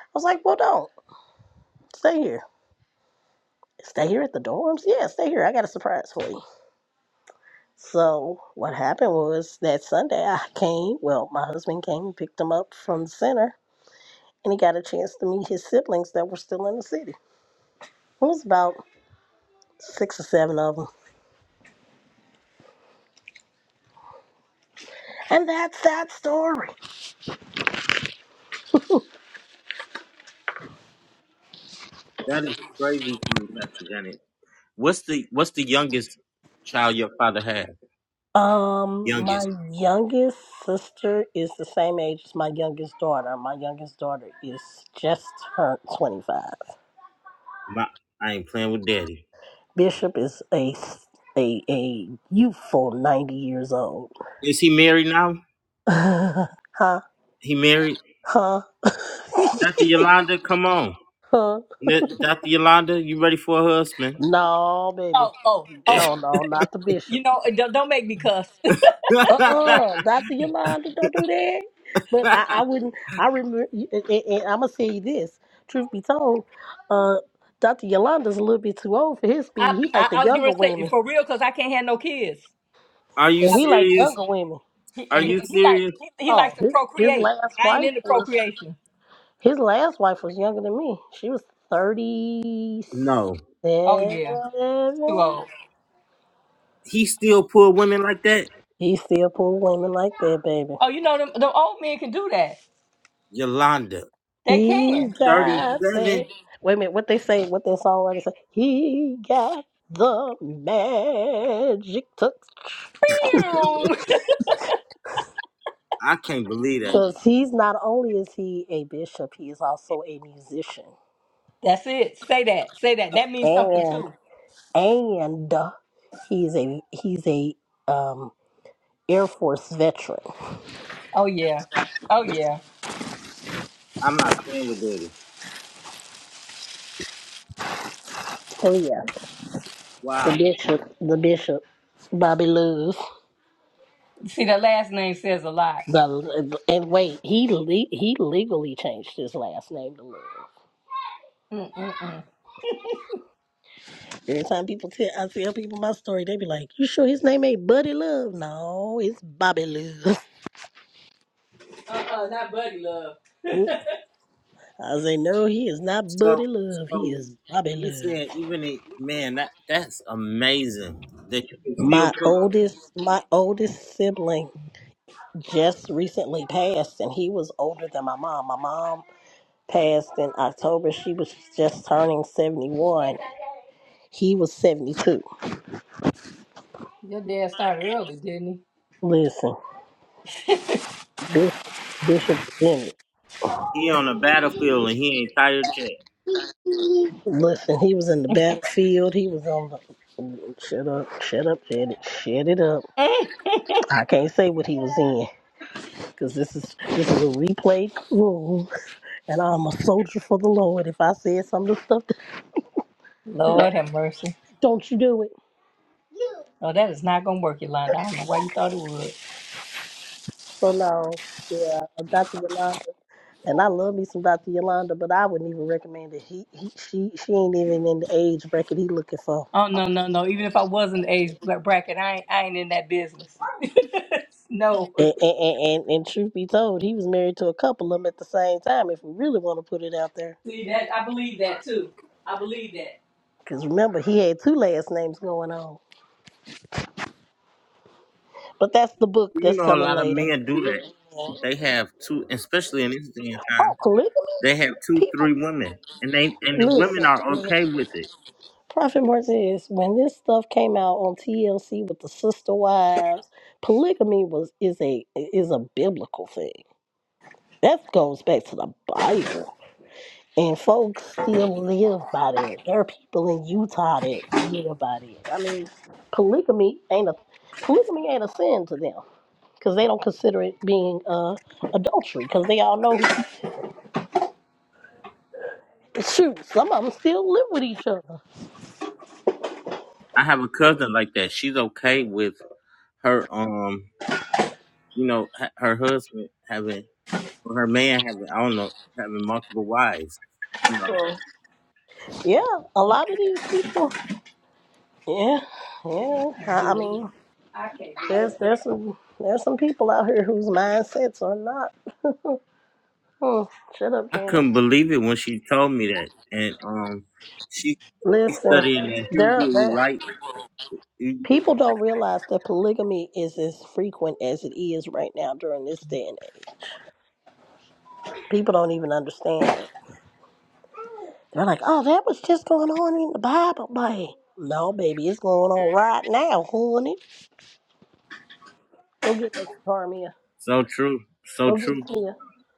Speaker 4: I was like, well, don't stay here. Stay here at the dorms? Yeah, stay here. I got a surprise for you. So what happened was that Sunday I came, well, my husband came and picked him up from the center and he got a chance to meet his siblings that were still in the city. It was about six or seven of them. And that's that story.
Speaker 2: That is crazy to me, Pastor Janet. What's the what's the youngest child your father had?
Speaker 4: Um, my
Speaker 2: Youngest.
Speaker 4: youngest sister is the same age as my youngest daughter. My youngest daughter is just turned 25.
Speaker 2: My, I ain't playing with daddy.
Speaker 4: Bishop is a, a, a youthful 90 years old.
Speaker 2: Is he married now?
Speaker 4: huh?
Speaker 2: He married?
Speaker 4: Huh?
Speaker 2: Dr. Yolanda, come on.
Speaker 4: huh?
Speaker 2: N- Dr. Yolanda, you ready for a husband?
Speaker 4: No, baby.
Speaker 1: Oh, oh, oh.
Speaker 4: No, no, not the bishop.
Speaker 1: You know, uh, don't, don't make me cuss.
Speaker 4: Uh uh Dr. Yolanda. Don't do that. But I, I wouldn't, I remember, and, and I'm going to tell you this. Truth be told, uh, Dr. Yolanda's a little bit too old for his
Speaker 1: I,
Speaker 4: speed. He like
Speaker 1: I
Speaker 4: the
Speaker 1: I was gonna
Speaker 4: younger
Speaker 1: say
Speaker 4: women,
Speaker 1: for real because I can't have no kids.
Speaker 2: Are you
Speaker 4: and he like
Speaker 2: serious?
Speaker 4: younger women.
Speaker 1: He,
Speaker 2: Are
Speaker 1: and he,
Speaker 2: you
Speaker 1: and he like
Speaker 2: serious?
Speaker 1: he, he likes
Speaker 4: Oh,
Speaker 1: to
Speaker 4: his his
Speaker 1: procreate, and
Speaker 4: last
Speaker 1: I ain't
Speaker 4: wife
Speaker 1: into
Speaker 4: was
Speaker 1: procreation.
Speaker 4: his last wife was younger than me. She was thirty
Speaker 2: No,
Speaker 1: Oh yeah, too
Speaker 4: seven.
Speaker 1: old.
Speaker 2: he still pulled women like that.
Speaker 4: He still pull women like that, baby.
Speaker 1: Oh, you know them, them old men can do that.
Speaker 2: Yolanda,
Speaker 1: They
Speaker 4: He
Speaker 1: can.
Speaker 4: got
Speaker 2: thirty-seven.
Speaker 4: faith. Wait a minute, what they say, what that songwriter say? He got the magic touch.
Speaker 1: Pew.
Speaker 2: I can't believe that.
Speaker 4: Because he's not only is he a bishop, he is also a musician.
Speaker 1: That's it. Say that. Say that. That means something
Speaker 4: And
Speaker 1: too.
Speaker 4: and he's a he's a um Air Force veteran.
Speaker 1: Oh yeah. Oh yeah.
Speaker 2: I'm not playing with Diddy.
Speaker 4: Oh yeah. The
Speaker 2: Wow.
Speaker 4: bishop the bishop Bobby Love.
Speaker 1: See, that last name says a lot.
Speaker 4: The and wait, he le- he legally changed his last name to Love.
Speaker 1: Mm mm mm.
Speaker 4: Every time people tell, I tell people my story, they be like, "You sure his name ain't Buddy Love?" No, it's Bobby Love.
Speaker 1: Uh uh, not buddy love.
Speaker 4: I say, "No, he is not Buddy
Speaker 2: So,
Speaker 4: Love. He
Speaker 2: so
Speaker 4: is Bobby
Speaker 2: you
Speaker 4: Love."
Speaker 2: said even a man that that's amazing that you can still
Speaker 4: My
Speaker 2: put him.
Speaker 4: oldest, my oldest sibling just recently passed, and he was older than my mom. My mom passed in October. She was just turning seventy-one. He was seventy-two.
Speaker 1: Your dad started early, didn't
Speaker 4: Listen, Bishop, Bishop Bennett.
Speaker 2: He on the battlefield and he ain't tired yet.
Speaker 4: Listen, he was in the backfield. He was on the. Shut up! Shut up! Shut it! Shut it up!
Speaker 1: he?
Speaker 4: I can't say what he was in because this is this is a replay room, and I'm a soldier for the Lord. If I said some of the stuff,
Speaker 1: Lord have mercy.
Speaker 4: don't you do it.
Speaker 1: Oh, that is not gonna work, Yolanda. I don't know why you thought it would.
Speaker 4: So no, yeah, Dr. Yolanda, and I love me some Dr. Yolanda, but I wouldn't even recommend it. He, he she she ain't even in the age bracket he looking for.
Speaker 1: Oh no no no! Even if I was in the age bra- bracket, I ain't I ain't in that business. no,
Speaker 4: And, and, and, and and truth be told, he was married to a couple of them at the same time. If we really want to put it out there.
Speaker 1: see that I believe that too. I believe that.
Speaker 4: Because remember, he had two last names going on. But that's the book
Speaker 2: You
Speaker 4: that's
Speaker 2: know, a
Speaker 4: coming
Speaker 2: lot of
Speaker 4: later.
Speaker 2: men do that. They have two, especially in this day and time.
Speaker 4: Oh, polygamy?
Speaker 2: They have two,
Speaker 4: People,
Speaker 2: three women, and they and the
Speaker 4: listen.
Speaker 2: women are okay with it.
Speaker 4: Prophet Martez, when this stuff came out on TLC with the sister wives, polygamy was is a is a biblical thing. That goes back to the Bible. And folks still live by that. There are people in Utah that live by that. I mean, polygamy ain't a polygamy ain't a sin to them. because they don't consider it being uh, adultery because they all know shoot some of them still live with each other
Speaker 2: I have a cousin like that. She's okay with her. Um, you know, h- her husband having, or her man having, I don't know, having multiple wives. You know,
Speaker 4: So, yeah a lot of these people yeah yeah
Speaker 1: I can't
Speaker 4: i, I
Speaker 1: do that.
Speaker 4: mean
Speaker 1: I can't do
Speaker 4: there's
Speaker 1: that.
Speaker 4: there's some there's some people out here whose mindsets are not hmm, shut up
Speaker 2: I
Speaker 4: janet
Speaker 2: couldn't believe it when she told me that. And um, she she's
Speaker 4: listen
Speaker 2: studying the
Speaker 4: there
Speaker 2: Hebrew
Speaker 4: there-
Speaker 2: light.
Speaker 4: people don't realize that polygamy is as frequent as it is right now during this day and age people don't even understand it They're like, oh, that was just going on in the Bible, baby. No, baby, it's going on right now, honey. Go get that Carmia.
Speaker 2: So true, so
Speaker 4: Go get
Speaker 2: true,
Speaker 4: Kia.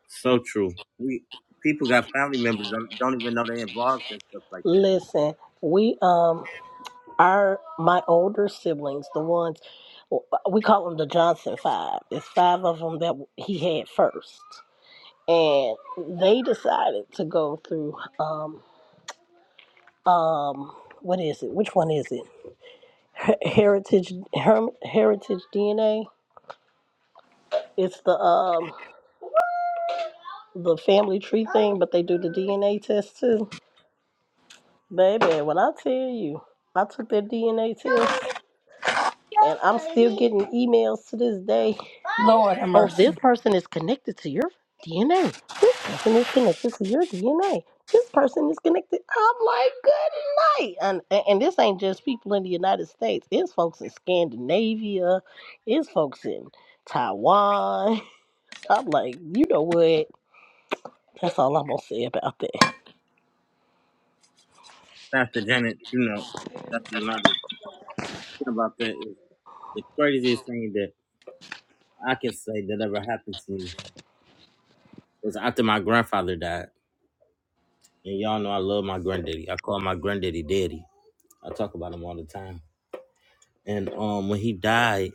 Speaker 2: so true. We people got family members don't, don't even know they're involved in stuff like that.
Speaker 4: Listen, we um, our my older siblings, the ones we call them the Johnson Five. It's five of them that he had first, and they decided to go through um um what is it? Which one is it? Heritage Her- Heritage DNA. It's the um the family tree thing, but they do the DNA test too. Baby, when I tell you, I took that DNA test and I'm still getting emails to this day.
Speaker 1: Lord have
Speaker 4: Oh,
Speaker 1: mercy,
Speaker 4: this person is connected to your DNA. This person is connected to your DNA. This person is connected. I'm like, good night. And, and and this ain't just people in the United States. It's folks in Scandinavia. It's folks in Taiwan. I'm like, you know what? That's all I'm going to say about that.
Speaker 2: Pastor Janet, you know, Pastor Yolanda, thing about that is the craziest thing that I can say that ever happened to me was after my grandfather died. And y'all know I love my granddaddy. I call my granddaddy daddy. I talk about him all the time. And um when he died,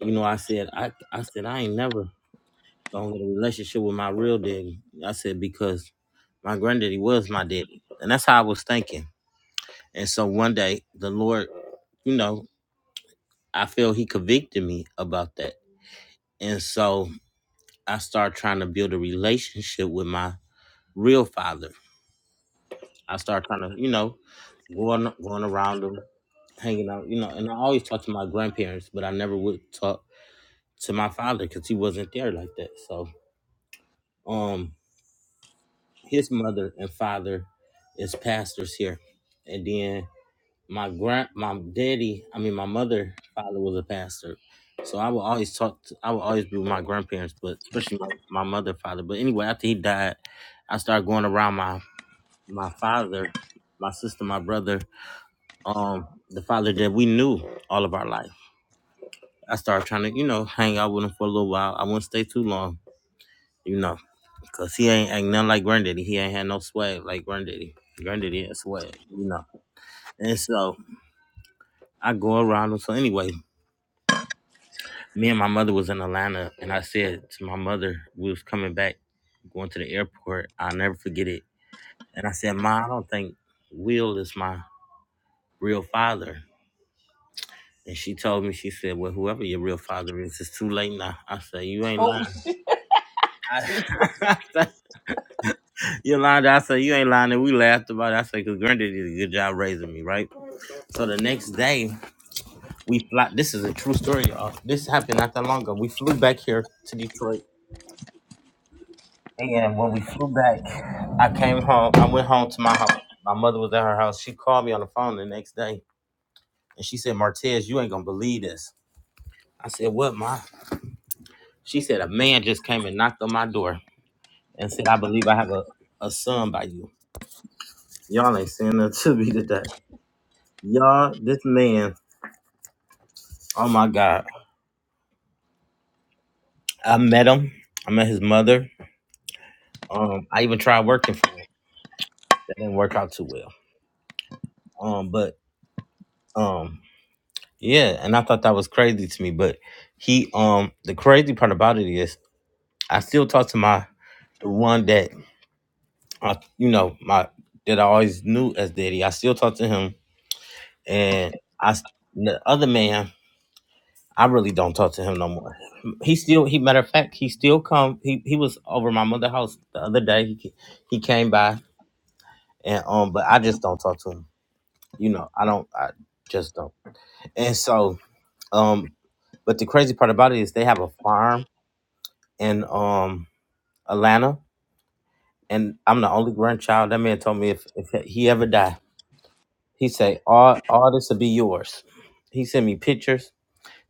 Speaker 2: you know, I said I I said I ain't never gonna get a relationship with my real daddy. I said because my granddaddy was my daddy. And that's how I was thinking. And so one day the Lord, you know, I feel he convicted me about that. And so I started trying to build a relationship with my real father I started kind of, you know, going going around them, hanging out, you know. And I always talked to my grandparents, but I never would talk to my father because he wasn't there like that. So, um, his mother and father is pastors here, and then my grand, my daddy, I mean my mother, father was a pastor. So I would always talk. To, I would always be with my grandparents, but especially my, my mother, father. But anyway, after he died, I started going around my my father, my sister, my brother, um the father that we knew all of our life. I started trying to, you know, hang out with him for a little while. I wouldn't stay too long, you know, because he ain't, ain't nothing like granddaddy. He ain't had no swag like granddaddy. Granddaddy had swag, you know. And so I go around him. So anyway, me and my mother was in Atlanta, and I said to my mother, we was coming back, going to the airport. I'll never forget it. And I said, Ma, I don't think Will is my real father. And she told me, she said, Well, whoever your real father is, it's too late now. I said, You ain't
Speaker 1: holy
Speaker 2: lying.
Speaker 1: Jesus!
Speaker 2: I, said, Yolanda, I said, You ain't lying. And we laughed about it. I said, Because Granddaddy did a good job raising me, right? So the next day, we fly. This is a true story, y'all. This happened not that long ago. We flew back here to Detroit. And when we flew back, I came home. I went home to my house. My mother was at her house. She called me on the phone the next day. And she said, Martez, you ain't going to believe this. I said, What, Ma? She said, A man just came and knocked on my door. and said, I believe I have a, a son by you. Y'all ain't saying that to me today. Y'all, this man, oh my God. I met him. I met his mother. Um, I even tried working for him. That didn't work out too well. Um, but um, yeah, and I thought that was crazy to me. But he um the crazy part about it is I still talk to my the one that I you know, my that I always knew as daddy. I still talk to him and I s- the other man I really don't talk to him no more. He still, he matter of fact, he still come. He he was over my mother house the other day. He he came by and um, but I just don't talk to him. You know, I don't. I just don't. And so um, but the crazy part about it is they have a farm in um Atlanta, and I'm the only grandchild. That man told me if if he ever die, he say all all this will be yours. He sent me pictures.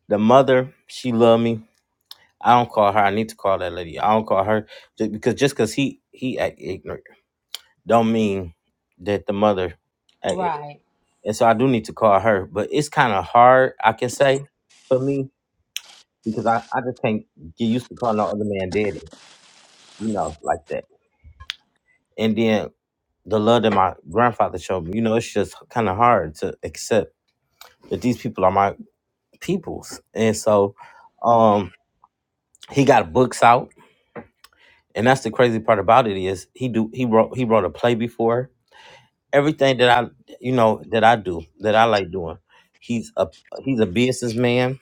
Speaker 2: The mother, she loved me I don't call her. I need to call that lady. I don't call her just because just because he he act ignorant don't mean that the mother. Act ignorant.
Speaker 1: Right.
Speaker 2: And so I do need to call her, but it's kind of hard. I can say for me because I I just can't get used to calling no other man daddy. You know, like that. And then the love that my grandfather showed me. You know, it's just kind of hard to accept that these people are my peoples. And so, um, he got books out and that's the crazy part about it is he do he wrote he wrote a play before everything that I you know that I do that I like doing. He's a he's a businessman.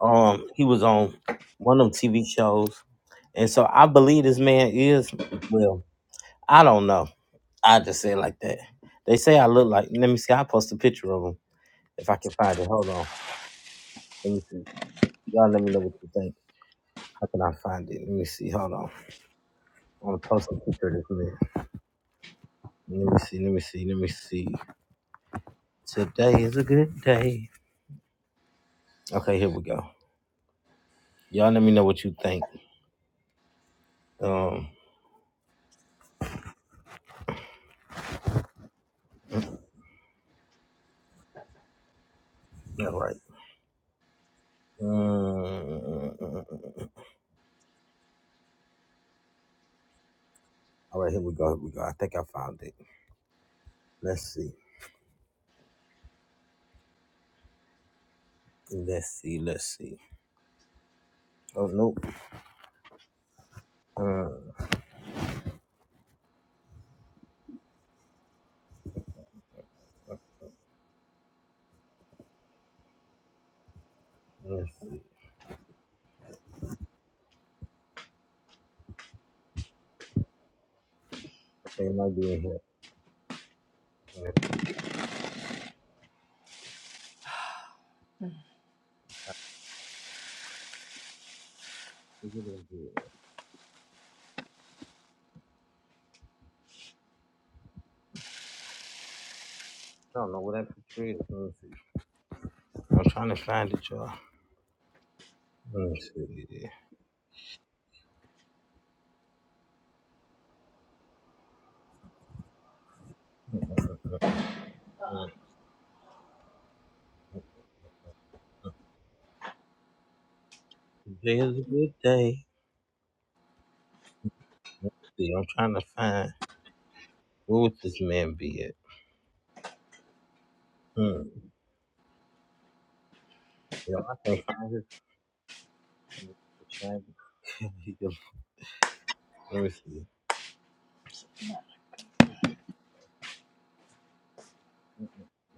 Speaker 2: Um, he was on one of them TV shows, and so I believe this man is well. I don't know. I just say it like that. They say I look like. Let me see. I will post a picture of him if I can find it. Hold on. Let me see. Y'all, let me know what you think. How can I find it? Let me see. Hold on. I want to post a picture of this man. Let me see. Let me see. Let me see. Today is a good day. Okay, here we go. Y'all let me know what you think. Um, all right. Mm, all right, here we go. Here we go. I think I found it. Let's see. Let's see. Let's see. Oh, nope. Uh, let's see. I think it might be in here. Uh, is it in here? I don't know where that picture is. Let me see. I'm trying to find it, y'all. Let me see. Uh, today is a good day. See, I'm trying to find. Where would this man be at? Hmm. Yo, I can't find his Let me see.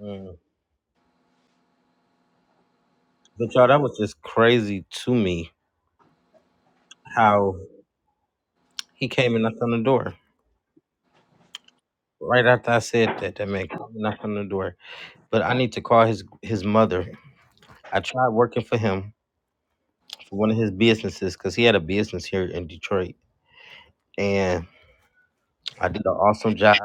Speaker 2: Mm. But y'all, that was just crazy to me how he came and knocked on the door. Right after I said that, that man came and knocked on the door. But I need to call his his mother. I tried working for him for one of his businesses because he had a business here in Detroit, and I did an awesome job.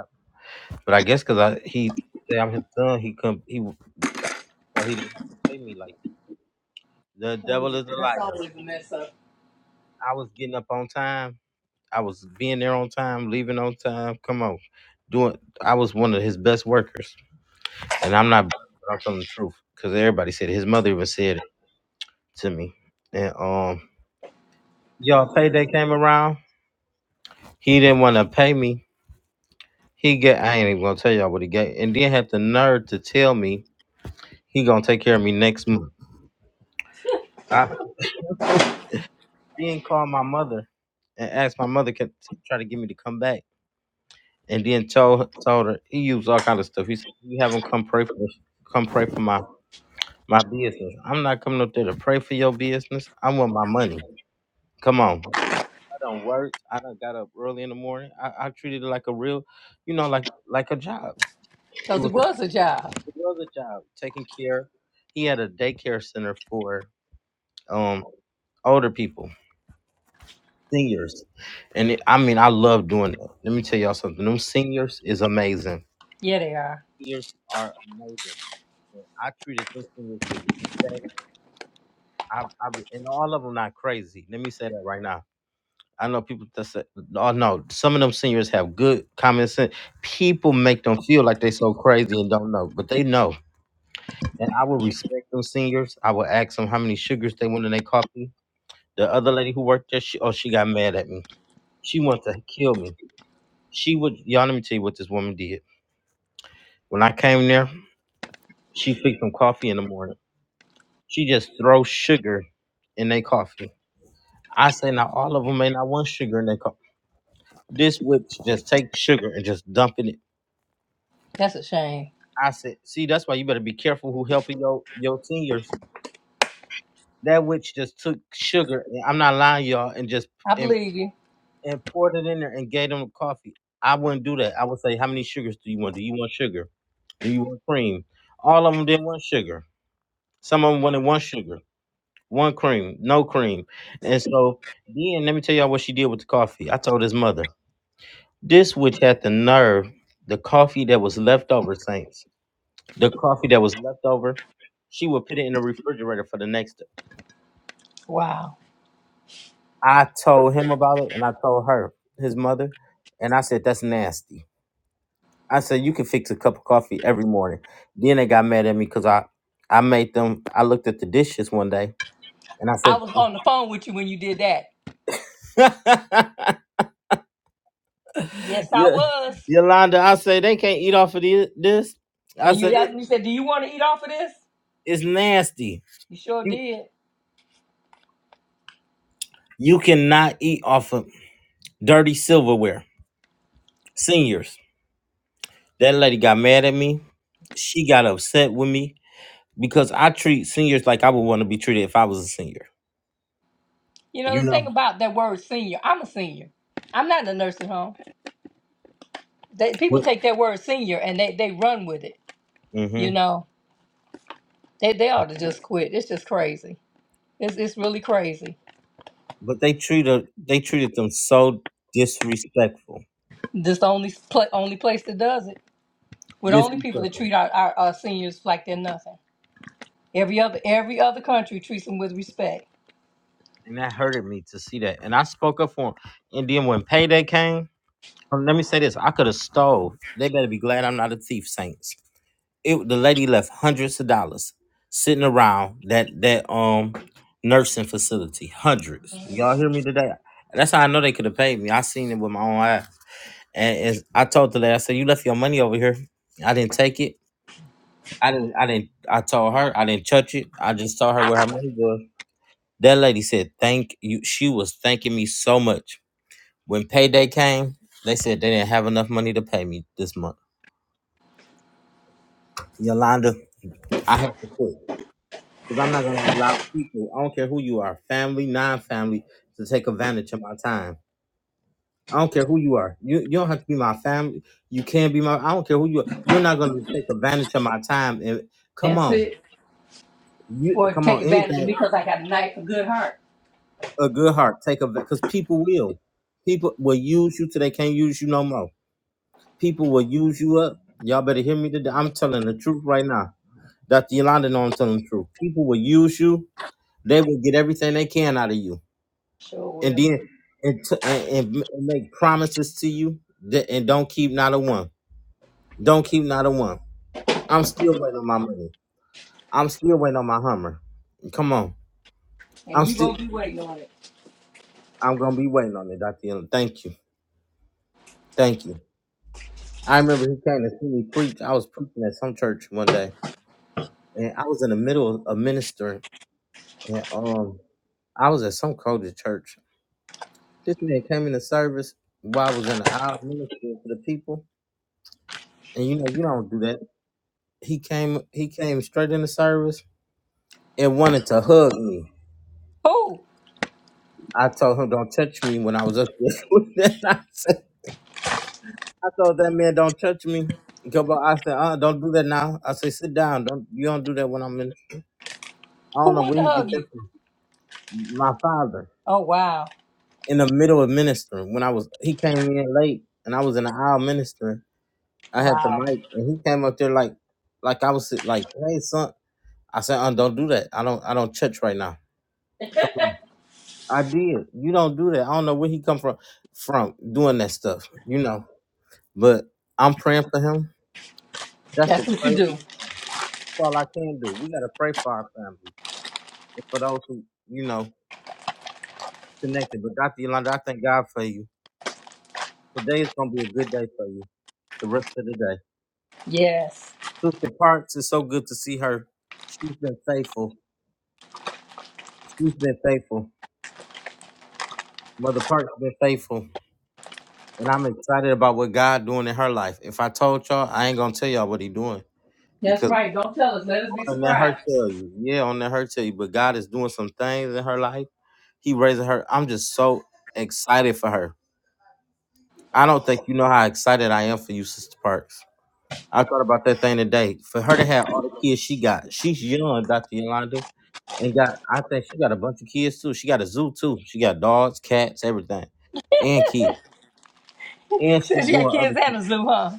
Speaker 2: But I guess because I he say I'm his son, he come he so he didn't have to pay me like that. the
Speaker 1: Oh,
Speaker 2: devil
Speaker 1: yeah,
Speaker 2: is a
Speaker 1: that's
Speaker 2: liar.
Speaker 1: always a mess up.
Speaker 2: I was getting up on time. I was being there on time, leaving on time. Come on, doing. I was one of his best workers, and I'm not. I'm telling the truth because everybody said it. his mother even said it to me. And um, y'all payday came around. He didn't want to pay me. He get. I ain't even gonna tell y'all what he got, and then had the nerve to tell me he gonna take care of me next month. I then called my mother and asked my mother can to try to get me to come back, and then told told her he used all kind of stuff. He said, "You have him come pray for, come pray for my My business. I'm not coming up there to pray for your business. I want my money. Come on. I done worked. I done got up early in the morning. I, I treated it like a real, you know, like like a job. It
Speaker 1: Cause
Speaker 2: was
Speaker 1: it was a job.
Speaker 2: another job taking care. He had a daycare center for um older people, seniors, and it, I mean, I love doing that. Let me tell y'all something. Them seniors is amazing.
Speaker 1: Yeah, they are.
Speaker 2: Seniors are amazing. And I treated those seniors with respect. I, I, and all of them not crazy. Let me say that right now I know people that say, "Oh no, some of them seniors have good common sense." People make them feel like they so crazy and don't know, but they know. And I would respect them seniors. I would ask them how many sugars they want in their coffee. The other lady who worked there, she, oh, she got mad at me. She wanted to kill me. She would, y'all. Let me tell you what this woman did. When I came there, she fixed some coffee in the morning. She just throw sugar in their coffee. I say now all of them may not want sugar in their coffee. This witch just take sugar and just dump it.
Speaker 1: That's a shame.
Speaker 2: I said, see, that's why you better be careful who helping your your seniors. That witch just took sugar. and I'm not lying, y'all, and just
Speaker 1: I
Speaker 2: and,
Speaker 1: believe you.
Speaker 2: and poured it in there and gave them coffee. I wouldn't do that. I would say, how many sugars do you want? Do you want sugar? Do you want cream? All of them didn't want sugar. Some of them wanted one sugar, one cream, no cream. And so then let me tell y'all what she did with the coffee. I told his mother. This witch had the nerve, the coffee that was left over, Saints. The coffee that was left over, she would put it in the refrigerator for the next day.
Speaker 1: Wow.
Speaker 2: I told him about it and I told her, his mother, and I said, That's nasty. I said, You can fix a cup of coffee every morning. Then they got mad at me because I, I made them, I looked at the dishes one day and I
Speaker 1: I
Speaker 2: said,
Speaker 1: was on the phone with you when you did that. Yes, I
Speaker 2: yeah,
Speaker 1: was.
Speaker 2: Yolanda, I said, They can't eat off of thi- this. I
Speaker 1: And
Speaker 2: said,
Speaker 1: you asked
Speaker 2: "It-
Speaker 1: me, you said, "Do you want to eat off of this?"
Speaker 2: It's nasty.
Speaker 1: You sure
Speaker 2: You,
Speaker 1: did.
Speaker 2: you cannot eat off of dirty silverware, seniors. That lady got mad at me. She got upset with me because I treat seniors like I would want to be treated if I was a senior.
Speaker 1: You know,
Speaker 2: You
Speaker 1: the
Speaker 2: know,
Speaker 1: thing about that word senior, I'm a senior. I'm not in a nursing home. They, people
Speaker 2: but
Speaker 1: take that word senior and they, they run with it.
Speaker 2: hmm
Speaker 1: You know, they, they ought to just quit. It's just crazy. It's, it's really crazy.
Speaker 2: but they treated they treated them so disrespectful,
Speaker 1: This the only, pl- only place that does it. We're the only people that
Speaker 2: disrespectful,
Speaker 1: treat our, our, our seniors like they're nothing. Every other every other country treats them with respect.
Speaker 2: and that hurted me to see that. And I spoke up for 'em. And then when payday came, um, let me say this: I could have stole. They better be glad I'm not a thief, Saints. it the lady left hundreds of dollars sitting around that that um nursing facility. Hundreds. Y'all hear me today? That's how I know they could have paid me. I seen it with my own eyes. And, and I told the lady, I said, You left your money over here. I didn't take it. I didn't I didn't I told her I didn't touch it. I just told her where her money was. That lady said, Thank you. She was thanking me so much. When payday came, they said they didn't have enough money to pay me this month. Yolanda, I have to quit. Because I'm not going to allow people, I don't care who you are, family, non family, to take advantage of my time. I don't care who you are. You, you don't have to be my family. You can be my, I don't care who you are. You're not going to take advantage of my time. And come
Speaker 1: That's
Speaker 2: on.
Speaker 1: it.
Speaker 2: You
Speaker 1: Or
Speaker 2: come
Speaker 1: take
Speaker 2: on,
Speaker 1: advantage of
Speaker 2: anything
Speaker 1: me because I got a knife and good heart.
Speaker 2: a good heart take a because people will, people will use you till they can't use you no more. People will use you up. Y'all better hear me today. I'm telling the truth right now. Dr. Yolanda know I'm telling the truth. People will use you. They will get everything they can out of you
Speaker 1: Sure
Speaker 2: and
Speaker 1: will.
Speaker 2: then and, t- and, and make promises to you that, and don't keep not a one. Don't keep not a one. I'm still waiting on my money. I'm still waiting on my Hummer. Come on.
Speaker 1: And
Speaker 2: I'm
Speaker 1: you
Speaker 2: still
Speaker 1: gonna be waiting on it.
Speaker 2: I'm gonna be waiting on it, Dr. Dillon. Thank you. Thank you. I remember he came to see me preach. I was preaching at some church one day and I was in the middle of ministering and um I was at some crowded church. This man came in the service while I was in the aisle ministering to the people. And you know, you don't do that. he came he came straight in the service and wanted to hug me.
Speaker 1: Who?
Speaker 2: I told him don't touch me when I was up there. I, said, I told that man don't touch me. Go back. I said, uh, don't do that now. I said, sit down. Don't you don't do that when I'm in. I
Speaker 1: Who
Speaker 2: don't know
Speaker 1: wanted
Speaker 2: where
Speaker 1: to
Speaker 2: he get
Speaker 1: hug
Speaker 2: that
Speaker 1: you?
Speaker 2: from. My father
Speaker 1: Oh wow.
Speaker 2: in the middle of ministering when I was he came in late and I was in the aisle ministering. I had the
Speaker 1: Wow.
Speaker 2: mic and he came up there like like I was sit- like hey son. I said, uh, don't do that. I don't I don't touch right now. Come on. I did. You don't do that. I don't know where he come from from doing that stuff. You know. But I'm praying for him. That's the
Speaker 1: That's what you
Speaker 2: crazy.
Speaker 1: do.
Speaker 2: That's all I can do. We gotta pray for our family and for those who you know connected. But Dr. Yolanda, I thank God for you. Today is gonna be a good day for you. The rest of the day.
Speaker 1: Yes.
Speaker 2: Sister Parks is so good to see her. She's been faithful. She's been faithful. Mother Parks been faithful. And I'm excited about what God doing in her life. If I told y'all, I ain't gonna tell y'all what he doing
Speaker 1: That's
Speaker 2: because.
Speaker 1: right. Don't tell us. Let us be
Speaker 2: And let her
Speaker 1: surprised.
Speaker 2: tell you. Yeah, on let her tell you. But God is doing some things in her life. He raising her. I'm just so excited for her. I don't think you know how excited I am for you, Sister Parks. I thought about that thing today. For her to have all the kids she got, she's young, Dr. Yolanda, and got I think she got a bunch of kids too. She got a zoo too. She got dogs, cats, everything, and kids, and she
Speaker 1: Since you got
Speaker 2: doing other
Speaker 1: kids and
Speaker 2: things,
Speaker 1: a zoo, huh?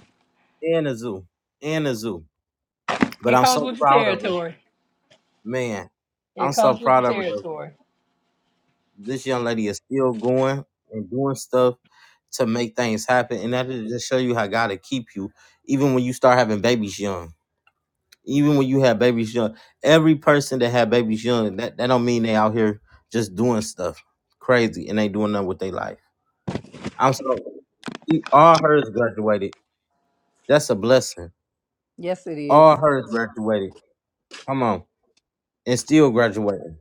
Speaker 2: and a zoo, and a zoo. But
Speaker 1: It
Speaker 2: I'm
Speaker 1: comes
Speaker 2: so
Speaker 1: with the
Speaker 2: proud of her,
Speaker 1: territory.
Speaker 2: man. I'm
Speaker 1: It
Speaker 2: so
Speaker 1: comes with the
Speaker 2: proud of her.
Speaker 1: territory.
Speaker 2: This young lady is still going and doing stuff to make things happen, and that is just show you how God will keep you, even when you start having babies young. Even when you have babies young, every person that have babies young, that, that don't mean they out here just doing stuff crazy and they doing nothing with their life. I'm so e- all hers graduated. That's a blessing.
Speaker 1: Yes, it is.
Speaker 2: All hers graduated. Come on, and still graduating.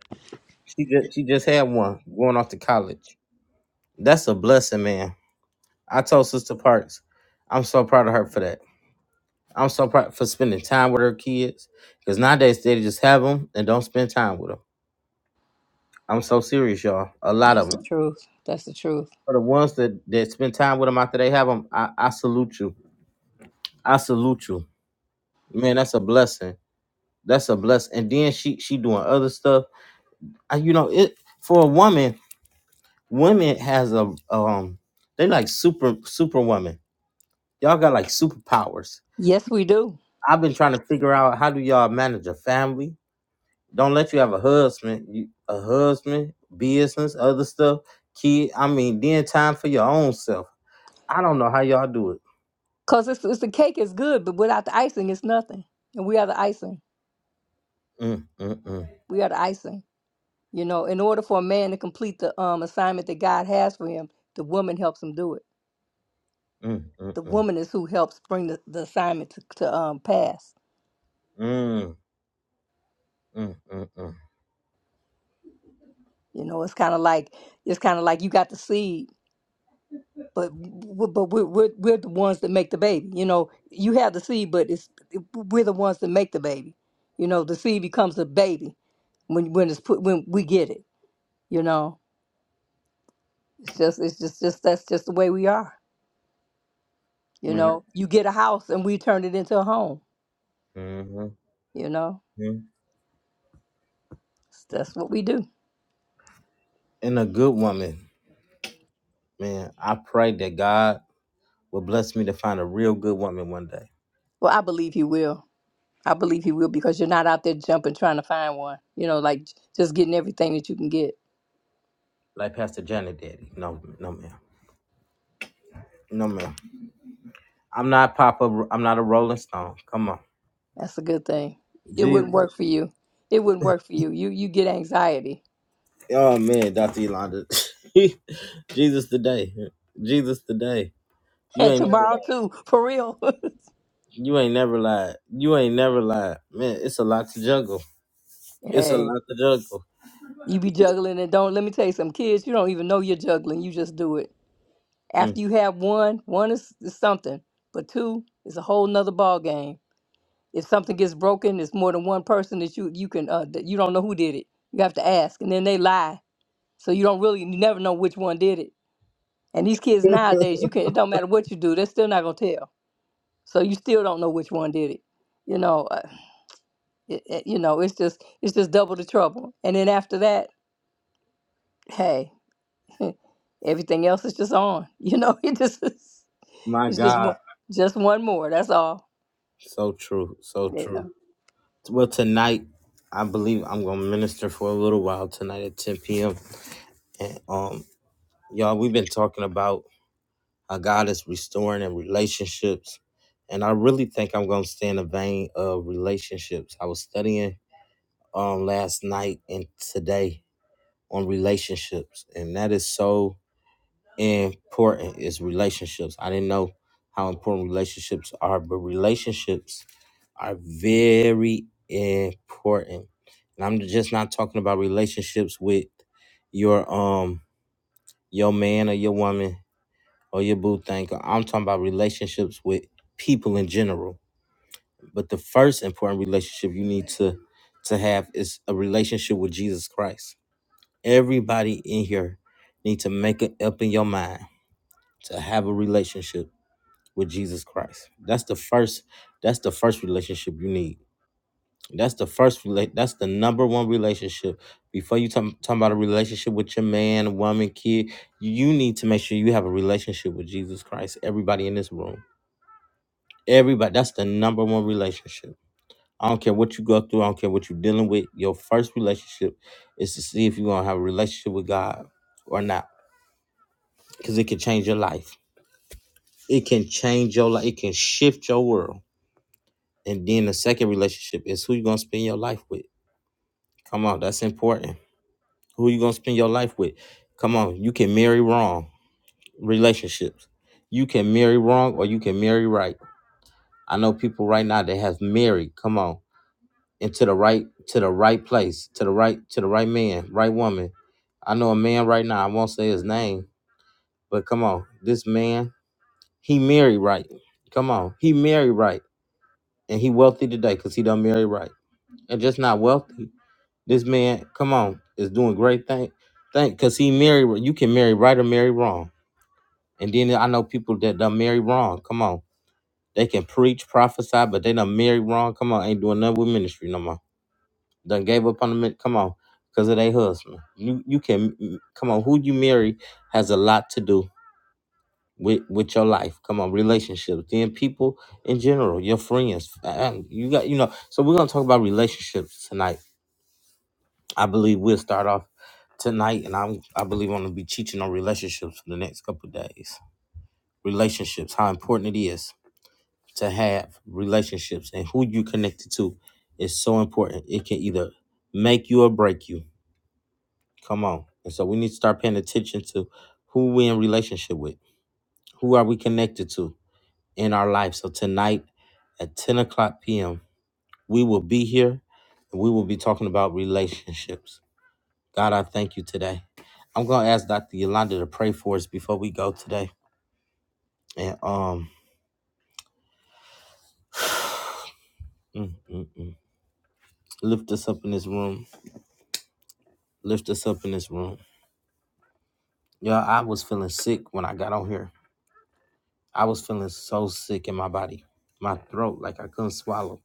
Speaker 2: She just she just had one going off to college. That's a blessing, man. I told Sister Parks, I'm so proud of her for that. I'm so proud for spending time with her kids because nowadays they just have them and don't spend time with them. I'm so serious, y'all. A lot
Speaker 1: That's
Speaker 2: of
Speaker 1: the
Speaker 2: them.
Speaker 1: truth. That's the truth.
Speaker 2: For the ones that, that spend time with them after they have them, I, I salute you. I salute you. Man, that's a blessing. That's a blessing. And then she she doing other stuff. I, you know, it for a woman, women has a um they like super superwoman. Y'all got like superpowers.
Speaker 1: Yes, we do.
Speaker 2: I've been trying to figure out how do y'all manage a family? Don't let you have a husband, you, a husband, business, other stuff, kid. I mean, then time for your own self. I don't know how y'all do it.
Speaker 1: Cause it's, it's the cake is good, but without the icing, it's nothing. And we are the icing.
Speaker 2: Mm, mm, mm,
Speaker 1: We are the icing. You know, in order for a man to complete the um assignment that God has for him, the woman helps him do it.
Speaker 2: mm,
Speaker 1: The
Speaker 2: mm,
Speaker 1: woman is who helps bring the, the assignment to, to um pass.
Speaker 2: mm, mm, mm, mm, mm.
Speaker 1: You know, it's kind of like it's kind of like you got the seed, but w- but we're, we're we're the ones that make the baby. You know, you have the seed, but it's we're the ones that make the baby. You know, the seed becomes the baby when when it's put when we get it. You know, it's just it's just just that's just the way we are. You
Speaker 2: Man,
Speaker 1: know, you get a house and we turn it into a home.
Speaker 2: mhm,
Speaker 1: You know,
Speaker 2: mhm.
Speaker 1: that's what we do.
Speaker 2: And a good woman, man. I pray that God will bless me to find a real good woman one day,
Speaker 1: Well, I believe he will. I believe he will because you're not out there jumping trying to find one. You know, like j- just getting everything that you can get.
Speaker 2: like Pastor Janet Daddy. No, no, ma'am. No, ma'am. I'm not Papa. I'm not a Rolling Stone. Come on.
Speaker 1: That's a good thing. It
Speaker 2: Jesus.
Speaker 1: wouldn't work for you. It wouldn't work for you. You you get anxiety.
Speaker 2: Oh man, Dr. Yolanda. Jesus today. Jesus today. You
Speaker 1: And
Speaker 2: ain't never
Speaker 1: tomorrow
Speaker 2: lied.
Speaker 1: too, for real.
Speaker 2: You ain't never lied. You ain't never lied. Man, it's a lot to juggle. It's a
Speaker 1: hey,
Speaker 2: lot to juggle.
Speaker 1: you be juggling and don't let me tell you some kids, you don't even know you're juggling. You just do it.
Speaker 2: Mm.
Speaker 1: After you have one, one is, is something, but two is a whole nother ball game. If something gets broken, it's more than one person that you you can uh, that you don't know who did it. You have to ask, and then they lie, so you don't really you never know which one did it. And these kids nowadays, you can not it don't matter what you do, they're still not gonna tell. So you still don't know which one did it. You know, uh, it, it- you know, it's just it's just double the trouble. And then after that, hey, everything else is just on. You know, it just is,
Speaker 2: My
Speaker 1: it's just
Speaker 2: God.
Speaker 1: one just one more. That's all.
Speaker 2: So true. So
Speaker 1: Yeah.
Speaker 2: true. Well, tonight, I believe I'm gonna minister for a little while tonight at 10 p.m. And um, y'all, we've been talking about how God is restoring in relationships. And I really think I'm gonna stay in the vein of relationships. I was studying um last night and today on relationships and that is so important is relationships i didn't know how important relationships are but relationships are very important and i'm just not talking about relationships with your um your man or your woman or your boo thing i'm talking about relationships with people in general but the first important relationship you need to to have is a relationship with jesus christ Everybody in here need to make it up in your mind to have a relationship with Jesus Christ. That's the first that's the first relationship you need. That's the first relate that's the number one relationship. Before you talk, talk about a relationship with your man, woman, kid, you need to make sure you have a relationship with Jesus Christ. Everybody in this room. Everybody, that's the number one relationship. I don't care what you go through, I don't care what you're dealing with. Your first relationship is to see if you're gonna have a relationship with God or not because it can change your life. It can change your life. It can shift your world. And then the second relationship is who you're gonna spend your life with. Come on, that's important. Who you gonna spend your life with? Come on, you can marry wrong relationships. You can marry wrong or you can marry right. I know people right now that have married, come on, into the right to the right place, to the right, to the right man, right woman. I know a man right now, I won't say his name, but come on, this man, he married right. Come on, he married right and he wealthy today because he done married right. And just not wealthy. This man, come on, is doing great thing. thing, because he married. You can marry right or marry wrong. And then I know people that done marry wrong. Come on, they can preach, prophesy, but they done marry wrong. Come on, ain't doing nothing with ministry no more. Done gave up on the min- come on because of their husband. You you can come on. Who you marry has a lot to do with with your life. Come on, relationships, then people in general, your friends. um, You got you know. So we're gonna talk about relationships tonight. I believe we'll start off tonight, and I'm I believe I'm gonna be teaching on relationships for the next couple of days. Relationships, how important it is to have relationships, and who you connected to is so important. It can either make you or break you. Come on, and so we need to start paying attention to who we in relationship with. Who are we connected to? in our life. So tonight at 10 o'clock p.m., we will be here and we will be talking about relationships. God, I thank you today. I'm gonna ask Dr. Yolanda to pray for us before we go today. And um mm, mm, mm. lift us up in this room. Lift us up in this room. Yeah, I was feeling sick when I got on here. I was feeling so sick in my body. My throat, like I couldn't swallow.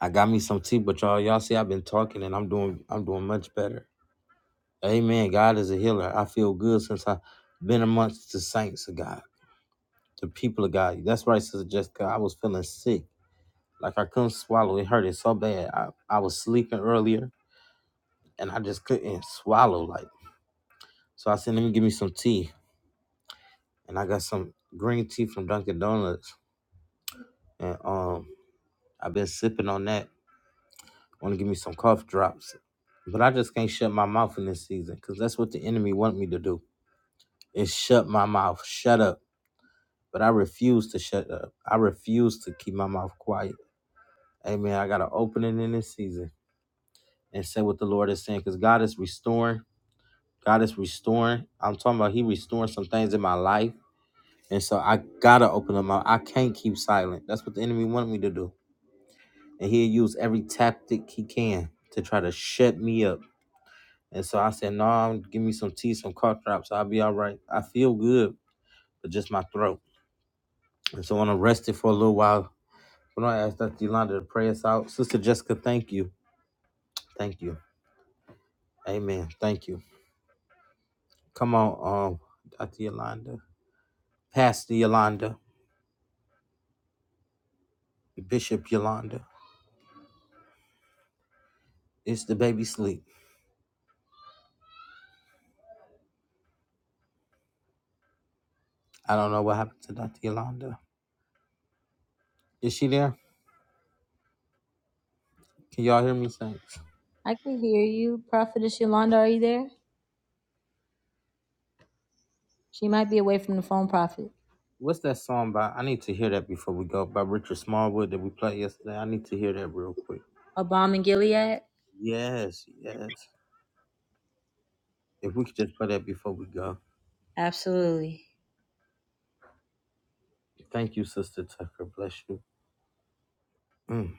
Speaker 2: I got me some tea, but y'all, y'all see I've been talking and I'm doing I'm doing much better. Amen. God is a healer. I feel good since I've been amongst the saints of God, the people of God. That's right, Sister Jessica. I was feeling sick. Like I couldn't swallow. It hurted so bad. I, I was sleeping earlier and I just couldn't swallow. Like, so I said, let me give me some tea. And I got some green tea from Dunkin' Donuts. And um I've been sipping on that. Wanna give me some cough drops. But I just can't shut my mouth in this season because that's what the enemy want me to do. Is shut my mouth. Shut up. but I refuse to shut up. I refuse to keep my mouth quiet. Amen. I got to open it in this season and say what the Lord is saying because God is restoring. God is restoring. I'm talking about He restoring some things in my life. And so I got to open them up. I can't keep silent. That's what the enemy wanted me to do. And he'll use every tactic he can to try to shut me up. And so I said, no, I'm- give me some tea, some cough drops. I'll be all right. I feel good, but just my throat. And so when I'm rested for a little while When I ask Dr. Yolanda to pray us out, Sister Jessica, thank you. Thank you. Amen. Thank you. Come on, um, Dr. Yolanda, Pastor Yolanda, Bishop Yolanda. It's the baby sleep. I don't know what happened to Dr. Yolanda. Is she there? Can y'all hear me? Thanks.
Speaker 3: I can hear you. Prophetess Yolanda, are you there? She might be away from the phone, prophet.
Speaker 2: What's that song by? I need to hear that before we go by Richard Smallwood that we played yesterday. I need to hear that real quick.
Speaker 3: Obama and Gilead?
Speaker 2: Yes, yes. If we could just play that before we go.
Speaker 3: Absolutely.
Speaker 2: Thank you, Sister Tucker. Bless you. Mm.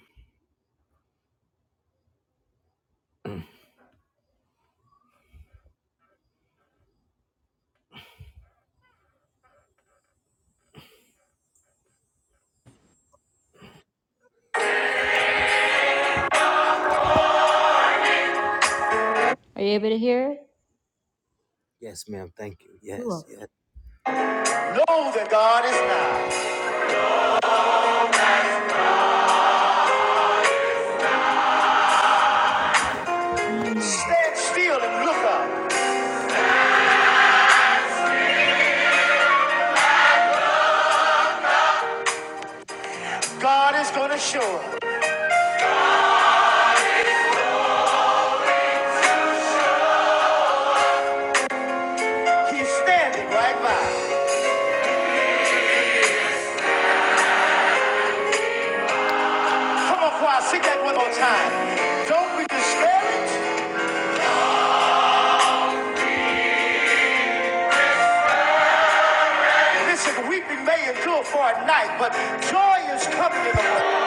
Speaker 3: Are you able to hear it?
Speaker 2: Yes, ma'am. Thank you.
Speaker 3: You
Speaker 2: Yes,
Speaker 3: are
Speaker 2: yes.
Speaker 3: Know that God is nigh. Stand still and look up. God is going to show up. He's standing right by. Come on, choir, sing that one more time. Don't be discouraged. Listen, weeping may endure for a night, but joy is coming in the morning.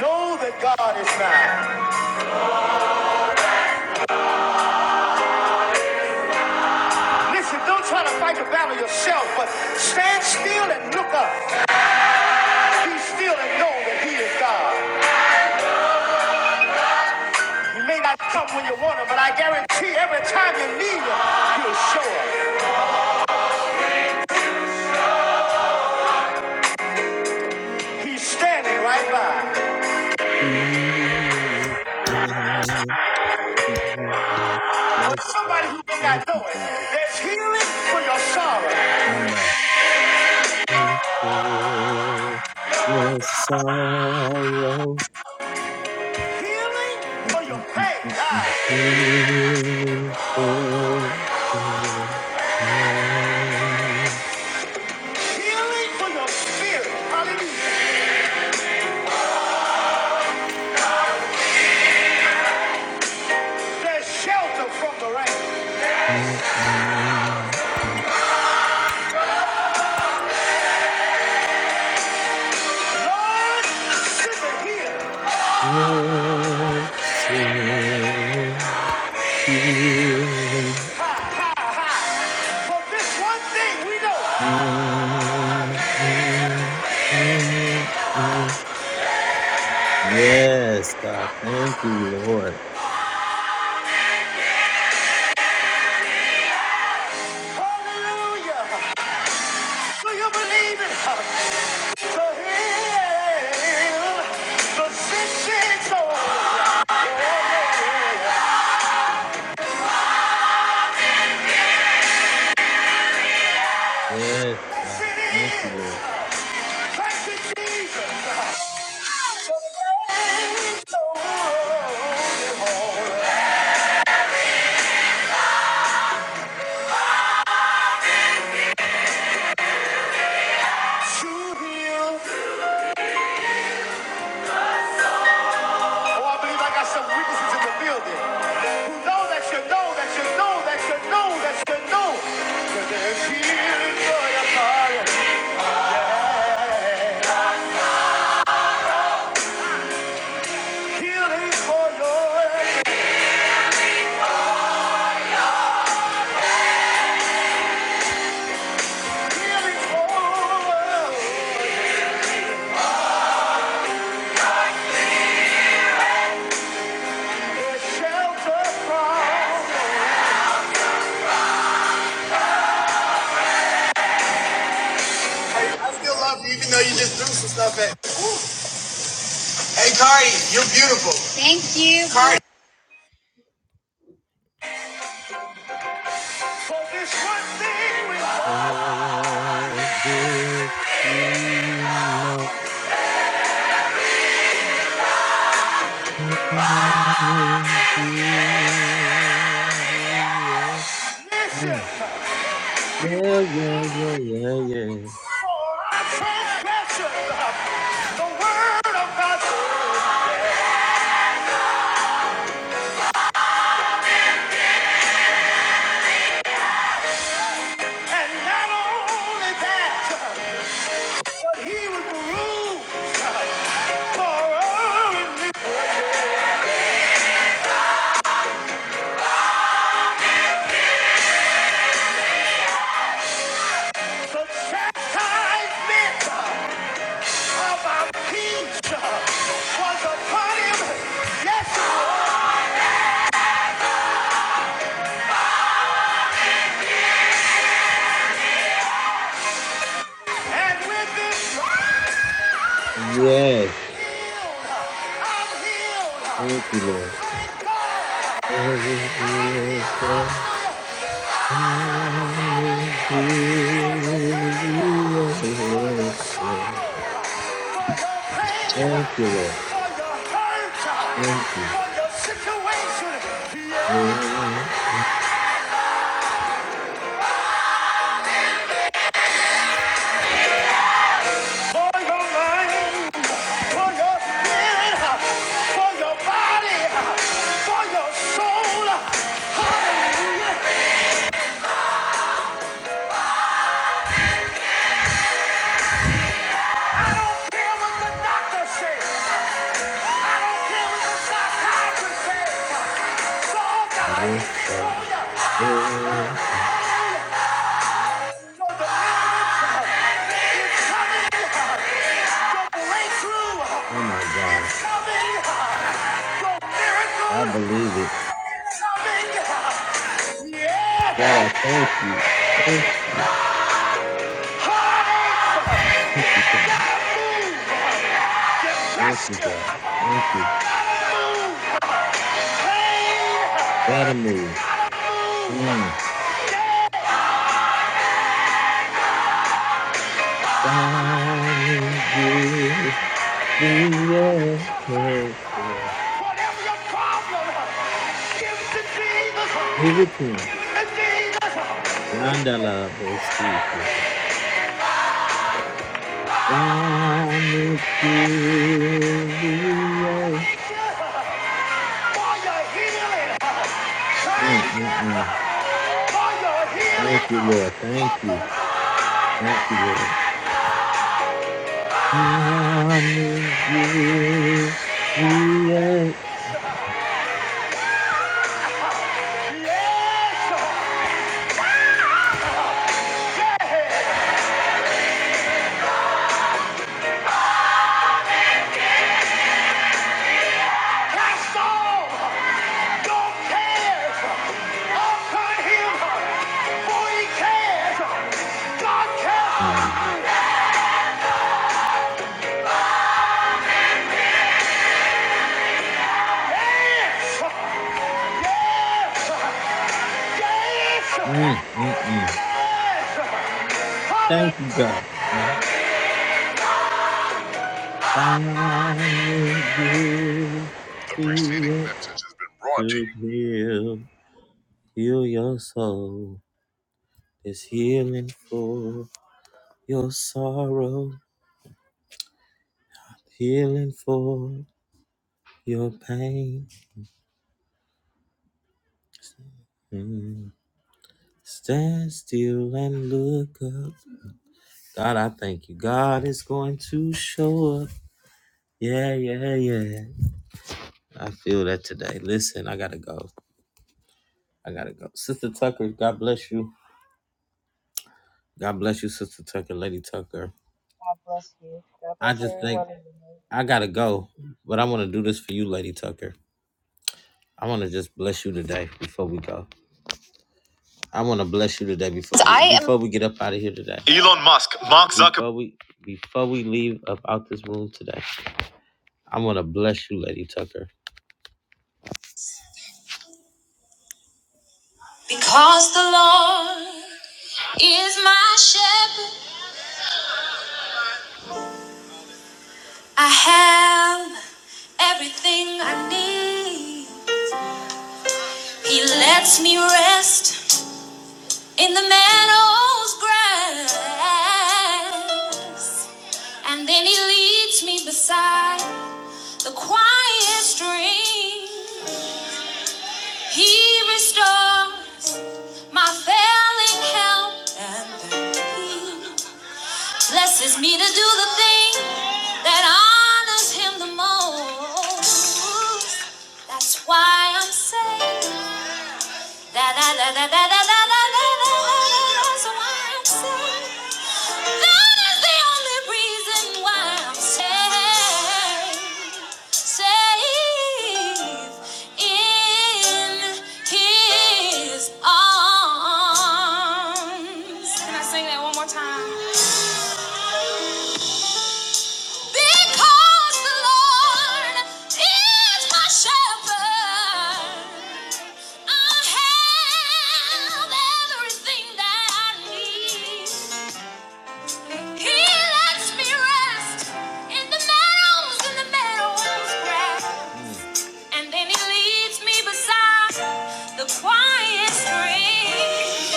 Speaker 3: Know that God is nigh. Listen, don't try to fight the battle yourself, but stand still and look up. Be still and know that He is God. He may not come when you want Him, but I guarantee every time you need Him, He'll show up. He's standing right by.
Speaker 2: Yes,
Speaker 3: For somebody who
Speaker 2: God.
Speaker 3: may
Speaker 2: Thank
Speaker 3: not
Speaker 2: you,
Speaker 3: know it,
Speaker 2: Jesus.
Speaker 3: there's healing for your sorrow,
Speaker 2: Allah. your sorrow.
Speaker 3: healing for your pain, God.
Speaker 2: healing for your
Speaker 3: healing for your spirit. Hallelujah. There's shelter from the rain.
Speaker 2: pain.
Speaker 3: Lord, sit here.
Speaker 2: Lord, save healing.
Speaker 3: Ha, ha, ha. For this one thing we know.
Speaker 2: Yes, God. Thank you, Lord.
Speaker 3: Hallelujah. Do you believe it? To heal the sick, sick soul. Yeah, yeah, yeah.
Speaker 2: Yes,
Speaker 3: Yes,
Speaker 2: God. Thank you,
Speaker 3: it is.
Speaker 2: Lord.
Speaker 3: Thank you, Jesus. To heal. Oh, I believe I got some witnesses in the building who know that you know that you know that you know that you know that there's healing for your fire. Healing for your healing for your shelter from.
Speaker 2: Cardi, I still love you, even though you just threw some stuff at. me. Hey, Cardi, you're beautiful. Cardi.
Speaker 3: For this one thing we know.
Speaker 2: Oh, this we know is
Speaker 3: Mission.
Speaker 2: good.
Speaker 3: He was
Speaker 2: Yeah, yeah, yeah, yeah, yeah.
Speaker 3: for our transgression. The word of God. And not only that, but he was bruised for our iniquities. the chastisement of our peace was upon him. Yes, Lord. And with this
Speaker 2: Yes,
Speaker 3: healed, I'm healed.
Speaker 2: thank you, Lord. I will do your
Speaker 3: Yeah.
Speaker 2: Thank you, Lord. Thank you. Yes, God. Oh my God. I believe it. God, I thank you. Thank you. Thank you, God. Thank you, God. Thank you. Gotta move. Mm. Father, give me a head. Give it to him.
Speaker 3: Jesus
Speaker 2: Yandala Bosita. Promise you the earth.
Speaker 3: for your healing.
Speaker 2: Mm,
Speaker 3: Thank
Speaker 2: mm,
Speaker 3: you
Speaker 2: mm.
Speaker 3: for your
Speaker 2: Thank
Speaker 3: healing.
Speaker 2: you, Lord. Thank you. Thank you, Lord. Promise you the earth.
Speaker 3: Yes! Say, cast all your cares upon him, for he cares. God cares.
Speaker 2: Mm,
Speaker 3: Yes! Yes! Yes!
Speaker 2: mm, mm, mm.
Speaker 3: Yes!
Speaker 2: Thank you, God. Mm. Promise you the earth to heal, heal your soul. Is healing for your sorrow, healing for your pain Mm. Stand still and look up. God, I thank you. God is going to show up. Yeah, yeah, yeah. I feel that today. Listen, I gotta go. I gotta go. Sister Tucker, God bless you. God bless you, Sister Tucker, Lady Tucker.
Speaker 5: God bless you. God
Speaker 2: I
Speaker 5: bless
Speaker 2: just think
Speaker 5: everyone. in the name
Speaker 2: I gotta go, but I wanna do this for you, Lady Tucker. I wanna just bless you today before we go. I wanna bless you today before we, I am- before we get up out of here today. Elon Musk, Mark Zuckerberg. Before we before we leave up out this room today. I want to bless you, Lady Tucker. Because the Lord is my shepherd, I have everything I need. He lets me rest in the meadow's grass, and then He leads me beside the quiet stream. He restores my failing health and peace. blesses me to do the thing that honors him the most. That's why I'm saved. Da, da, da, da, da, da, da, da, da, That's why I'm saved. That is the only reason why I'm saved. Saved in his arms. Can I sing that one more time? Because the Lord is my shepherd, I have everything that I need. He lets me rest in the meadows, in the meadows grass, and then He leads me beside the quiet stream.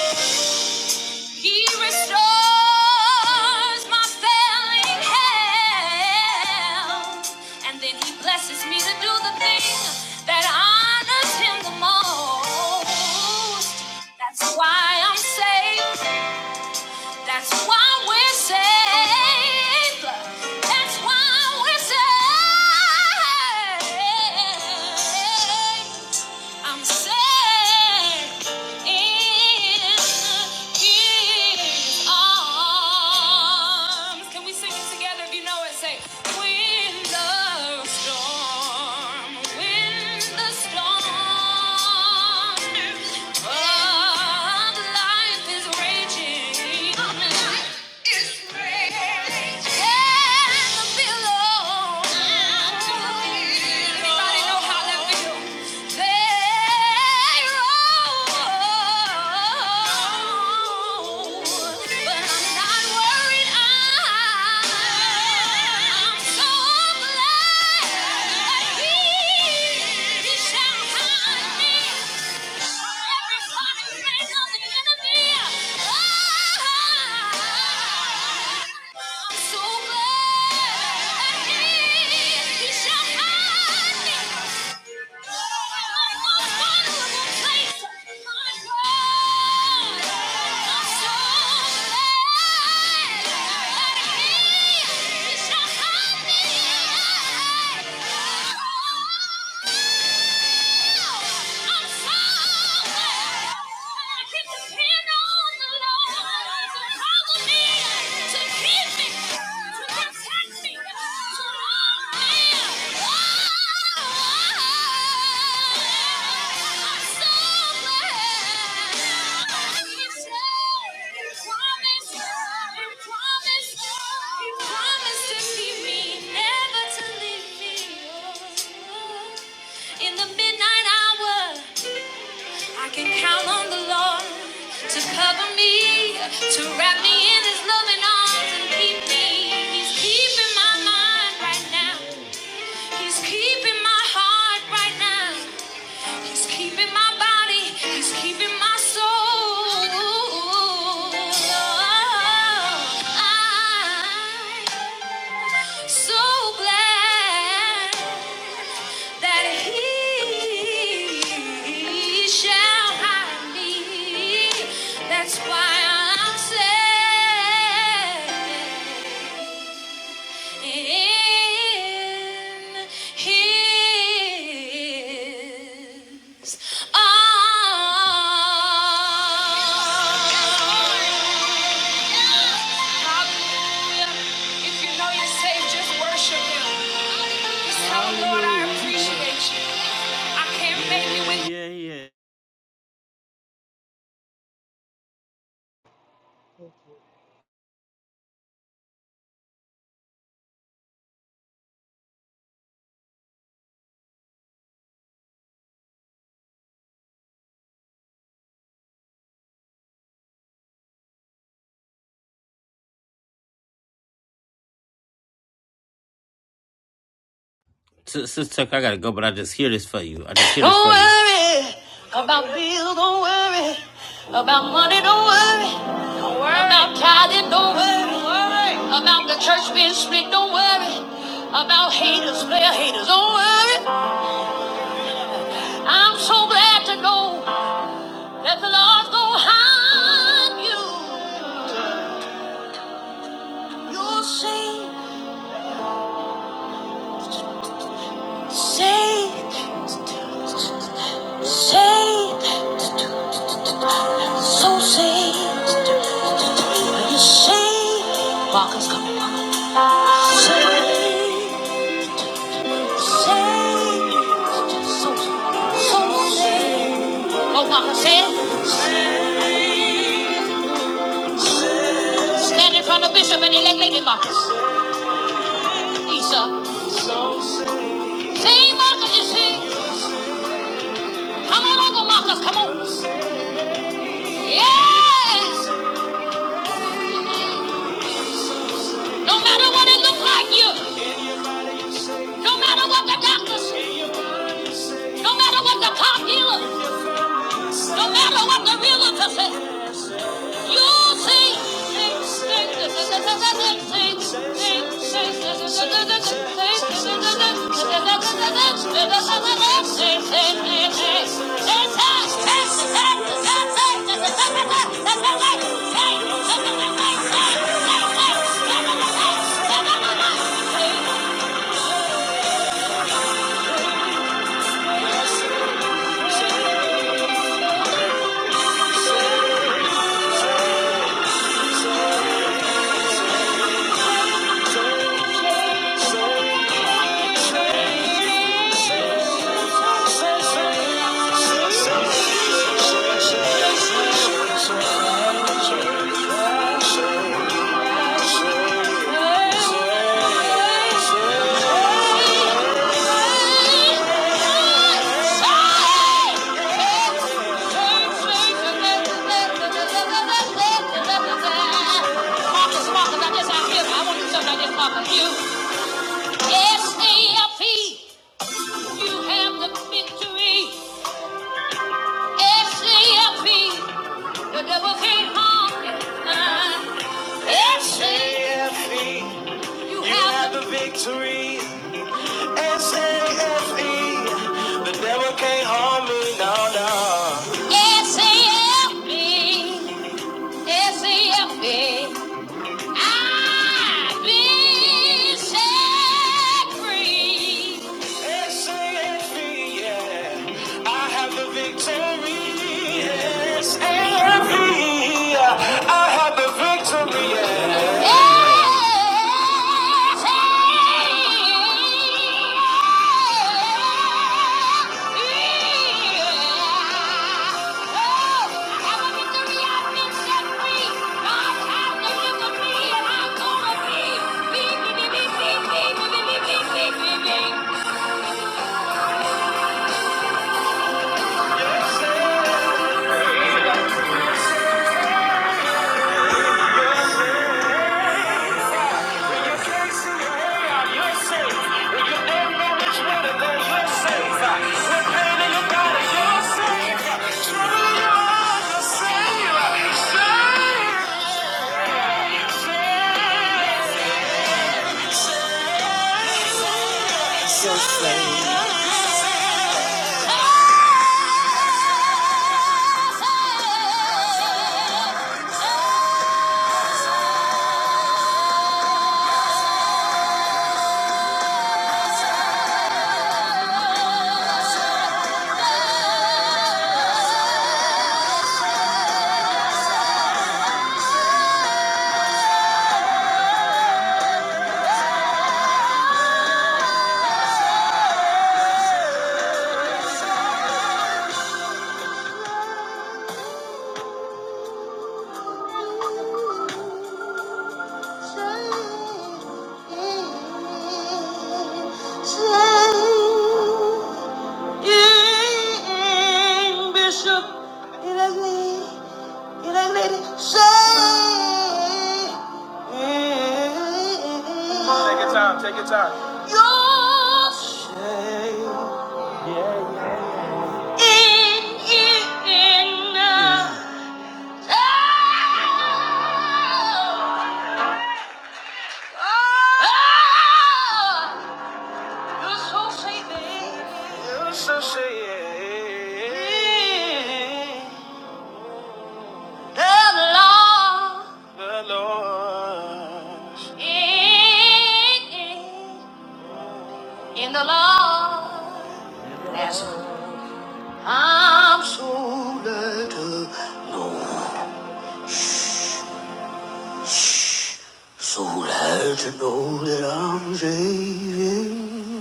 Speaker 2: He restores my failing health, and then he blesses me to do the thing that honors him the most. That's why I'm saved. That's why we're saved. That's why we're saved. I'm set in His arms. Can we sing it together? If you know it, say, "When the storm, when the storm of life is raging." Yeah. I'm Yeah. In the midnight hour. I can count on the Lord to cover me, to wrap me in His loving arms and keep me. He's keeping my mind right now. He's keeping my heart right now. He's keeping my body. He's keeping my soul. I'm so glad that he shall hide me that's why I'm saying his arms. If you know you're saved, just worship Him. Just tell Him, Lord, I appreciate you. I can't make it without
Speaker 5: of Jesus.
Speaker 2: S- Sister Tucker, I gotta go, but I just hear this for you. I just hear this Don't for worry you. about bills. Don't worry about money. Don't worry, don't worry. about tithing. Don't worry. Don't worry about the church being split. Don't worry about haters, player haters. Don't worry. I'm so glad to know that the Lord's gonna hide you. You're safe, safe. so saved. you saved? Walker's coming. Say- Saved, so so saved. Oh, Walker said, stand in front of Bishop and elect Lady Marcus. Lisa. Say, Marcus, you see? Come on over, Marcus, come on. Yes! No matter what it looks like you. No matter what the doctor says, no matter what the car dealer, no matter what the realtor says, you see. things. You have the S-A-F-B, S-A-F-B. I've been set free. Thank you. Bishop, it is me. You know, lady, say. Take your time, take your time. Your shame in, in, uh, oh, oh, oh. You're so saving. You're so saving. The Lord. The Lord. In, in the Lord. I'm so. Soul to know that I'm saving.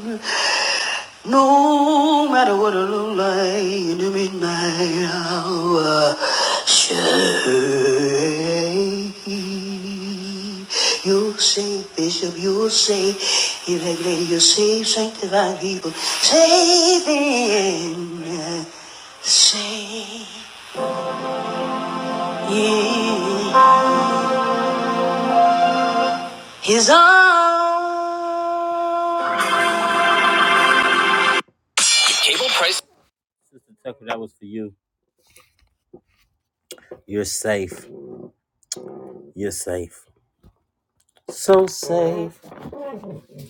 Speaker 2: No matter what it look like in the midnight hour, say you'll say, Bishop, you'll say, elect lady, you'll save sanctified people, saving, saving his arm. Sister Tucker, that was for you. You're safe. You're safe. So safe.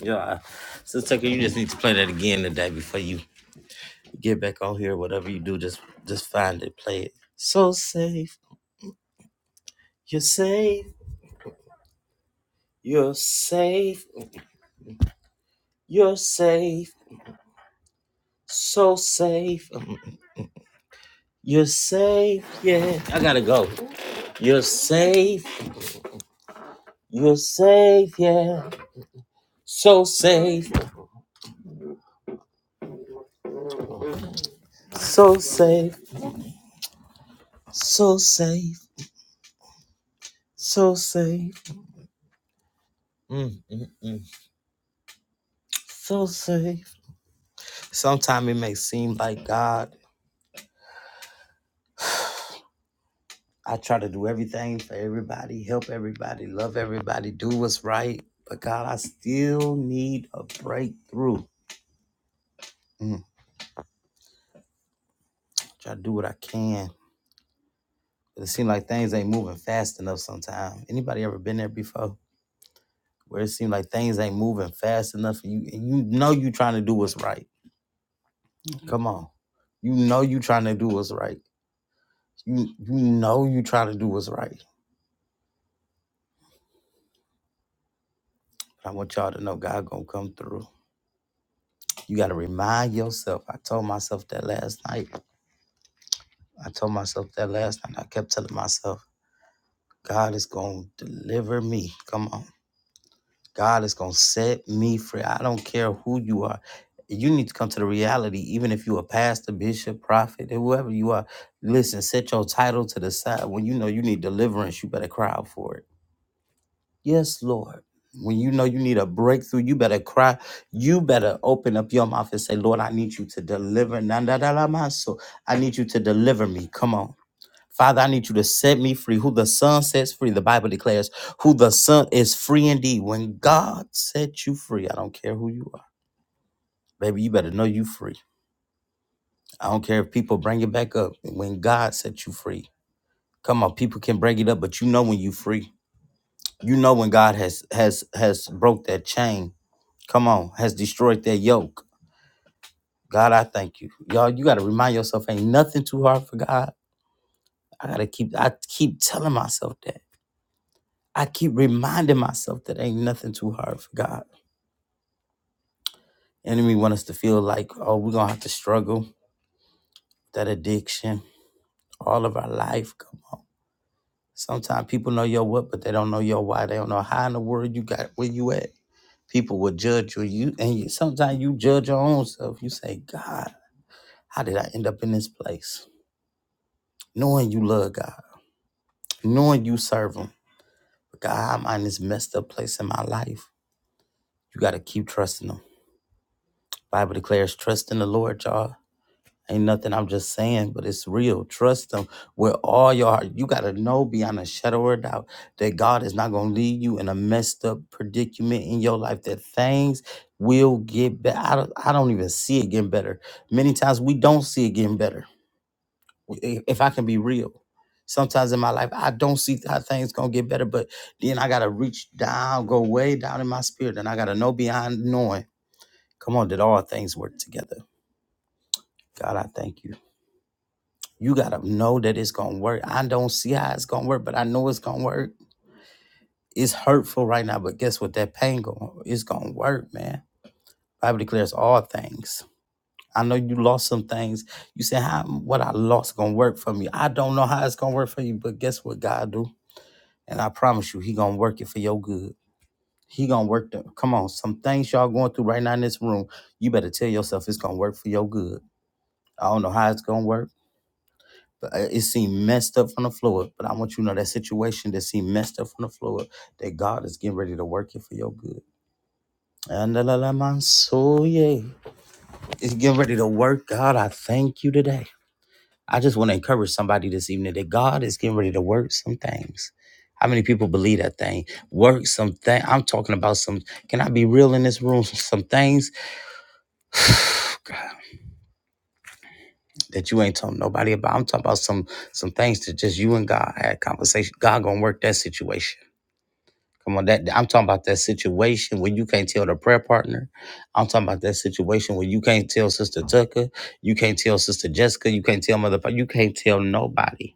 Speaker 2: Yeah. So Tucker, you just need to play that again today before you get back on here. Whatever you do, just just find it, play it. So safe, you're safe, you're safe, you're safe, so safe, you're safe, yeah. I gotta go. You're safe, you're safe, yeah. So safe, so safe, so safe, so safe. Mm. So safe. Sometimes it may seem like God I try to do everything for everybody, help everybody, love everybody, do what's right. But God, I still need a breakthrough. Mm, try to do what I can. But it seems like things ain't moving fast enough sometimes. Anybody ever been there before? Where it seems like things ain't moving fast enough and you and you know you trying to do what's right. Come on. You know you trying to do what's right. You you know you trying to do what's right. But I want y'all to know God gonna come through. You gotta remind yourself. I told myself that last night. I told myself that last night. I kept telling myself, God is going to deliver me. Come on. God is going to set me free. I don't care who you are. You need to come to the reality, even if you're a pastor, bishop, prophet, whoever you are. Listen, set your title to the side. When you know you need deliverance, you better cry out for it. Yes, Lord. When you know you need a breakthrough, you better cry. You better open up your mouth and say, Lord, I need you to deliver. Nanda da la maso. I need you to deliver me. Come on. Father, I need you to set me free. Who the Son sets free, the Bible declares, who the Son is free indeed. When God sets you free, I don't care who you are. Baby, you better know you free. I don't care if people bring it back up. When God sets you free, come on, people can bring it up, but you know when you free. You know when God has has has broke that chain. Come on, has destroyed that yoke. God, I thank you. Y'all, you gotta remind yourself, ain't nothing too hard for God. I gotta keep I keep telling myself that. I keep reminding myself that ain't nothing too hard for God. Enemy want us to feel like, oh, we're gonna have to struggle with that addiction all of our life. Come on. Sometimes people know your what, but they don't know your why. They don't know how in the world you got where you at. People will judge you. You and you, sometimes you judge your own self. You say, God, how did I end up in this place? Knowing you love God, knowing you serve Him, but God, I'm in this messed up place in my life. You got to keep trusting Him. Bible declares, trust in the Lord, y'all Ain't nothing I'm just saying, but it's real. Trust him with all your heart. You got to know beyond a shadow of a doubt that God is not going to leave you in a messed up predicament in your life, that things will get better. I don't, I don't even see it getting better. Many times we don't see it getting better. If if I can be real, sometimes in my life, I don't see how things going to get better, but then I got to reach down, go way down in my spirit, and I got to know beyond knowing. Come on, did all things work together? God, I thank you. You gotta know that it's gonna work. I don't see how it's gonna work, but I know it's gonna work. It's hurtful right now, but guess what? That pain going it's gonna work, man. Bible declares all things. I know you lost some things. You said how what I lost gonna work for me. I don't know how it's gonna work for you, but guess what God do? And I promise you, He gonna work it for your good. He gonna work them. Come on, some things y'all going through right now in this room. You better tell yourself it's gonna work for your good. I don't know how it's gonna work. But I- It seemed messed up from the floor, up, but I want you to know that situation that seemed messed up from the floor, up, that God is getting ready to work it for your good. And la la la, man, so yeah, it's getting ready to work. God, I thank you today. I just want to encourage somebody this evening that God is getting ready to work some things. How many people believe that thing? Work some thing. I'm talking about some. Can I be real in this room? Some things that you ain't telling nobody about. I'm talking about some some things that just you and God had conversation. God gonna work that situation. Come on, that I'm talking about that situation where you can't tell the prayer partner. I'm talking about that situation where you can't tell Sister Tucker, you can't tell Sister Jessica, you can't tell Mother, you can't tell nobody.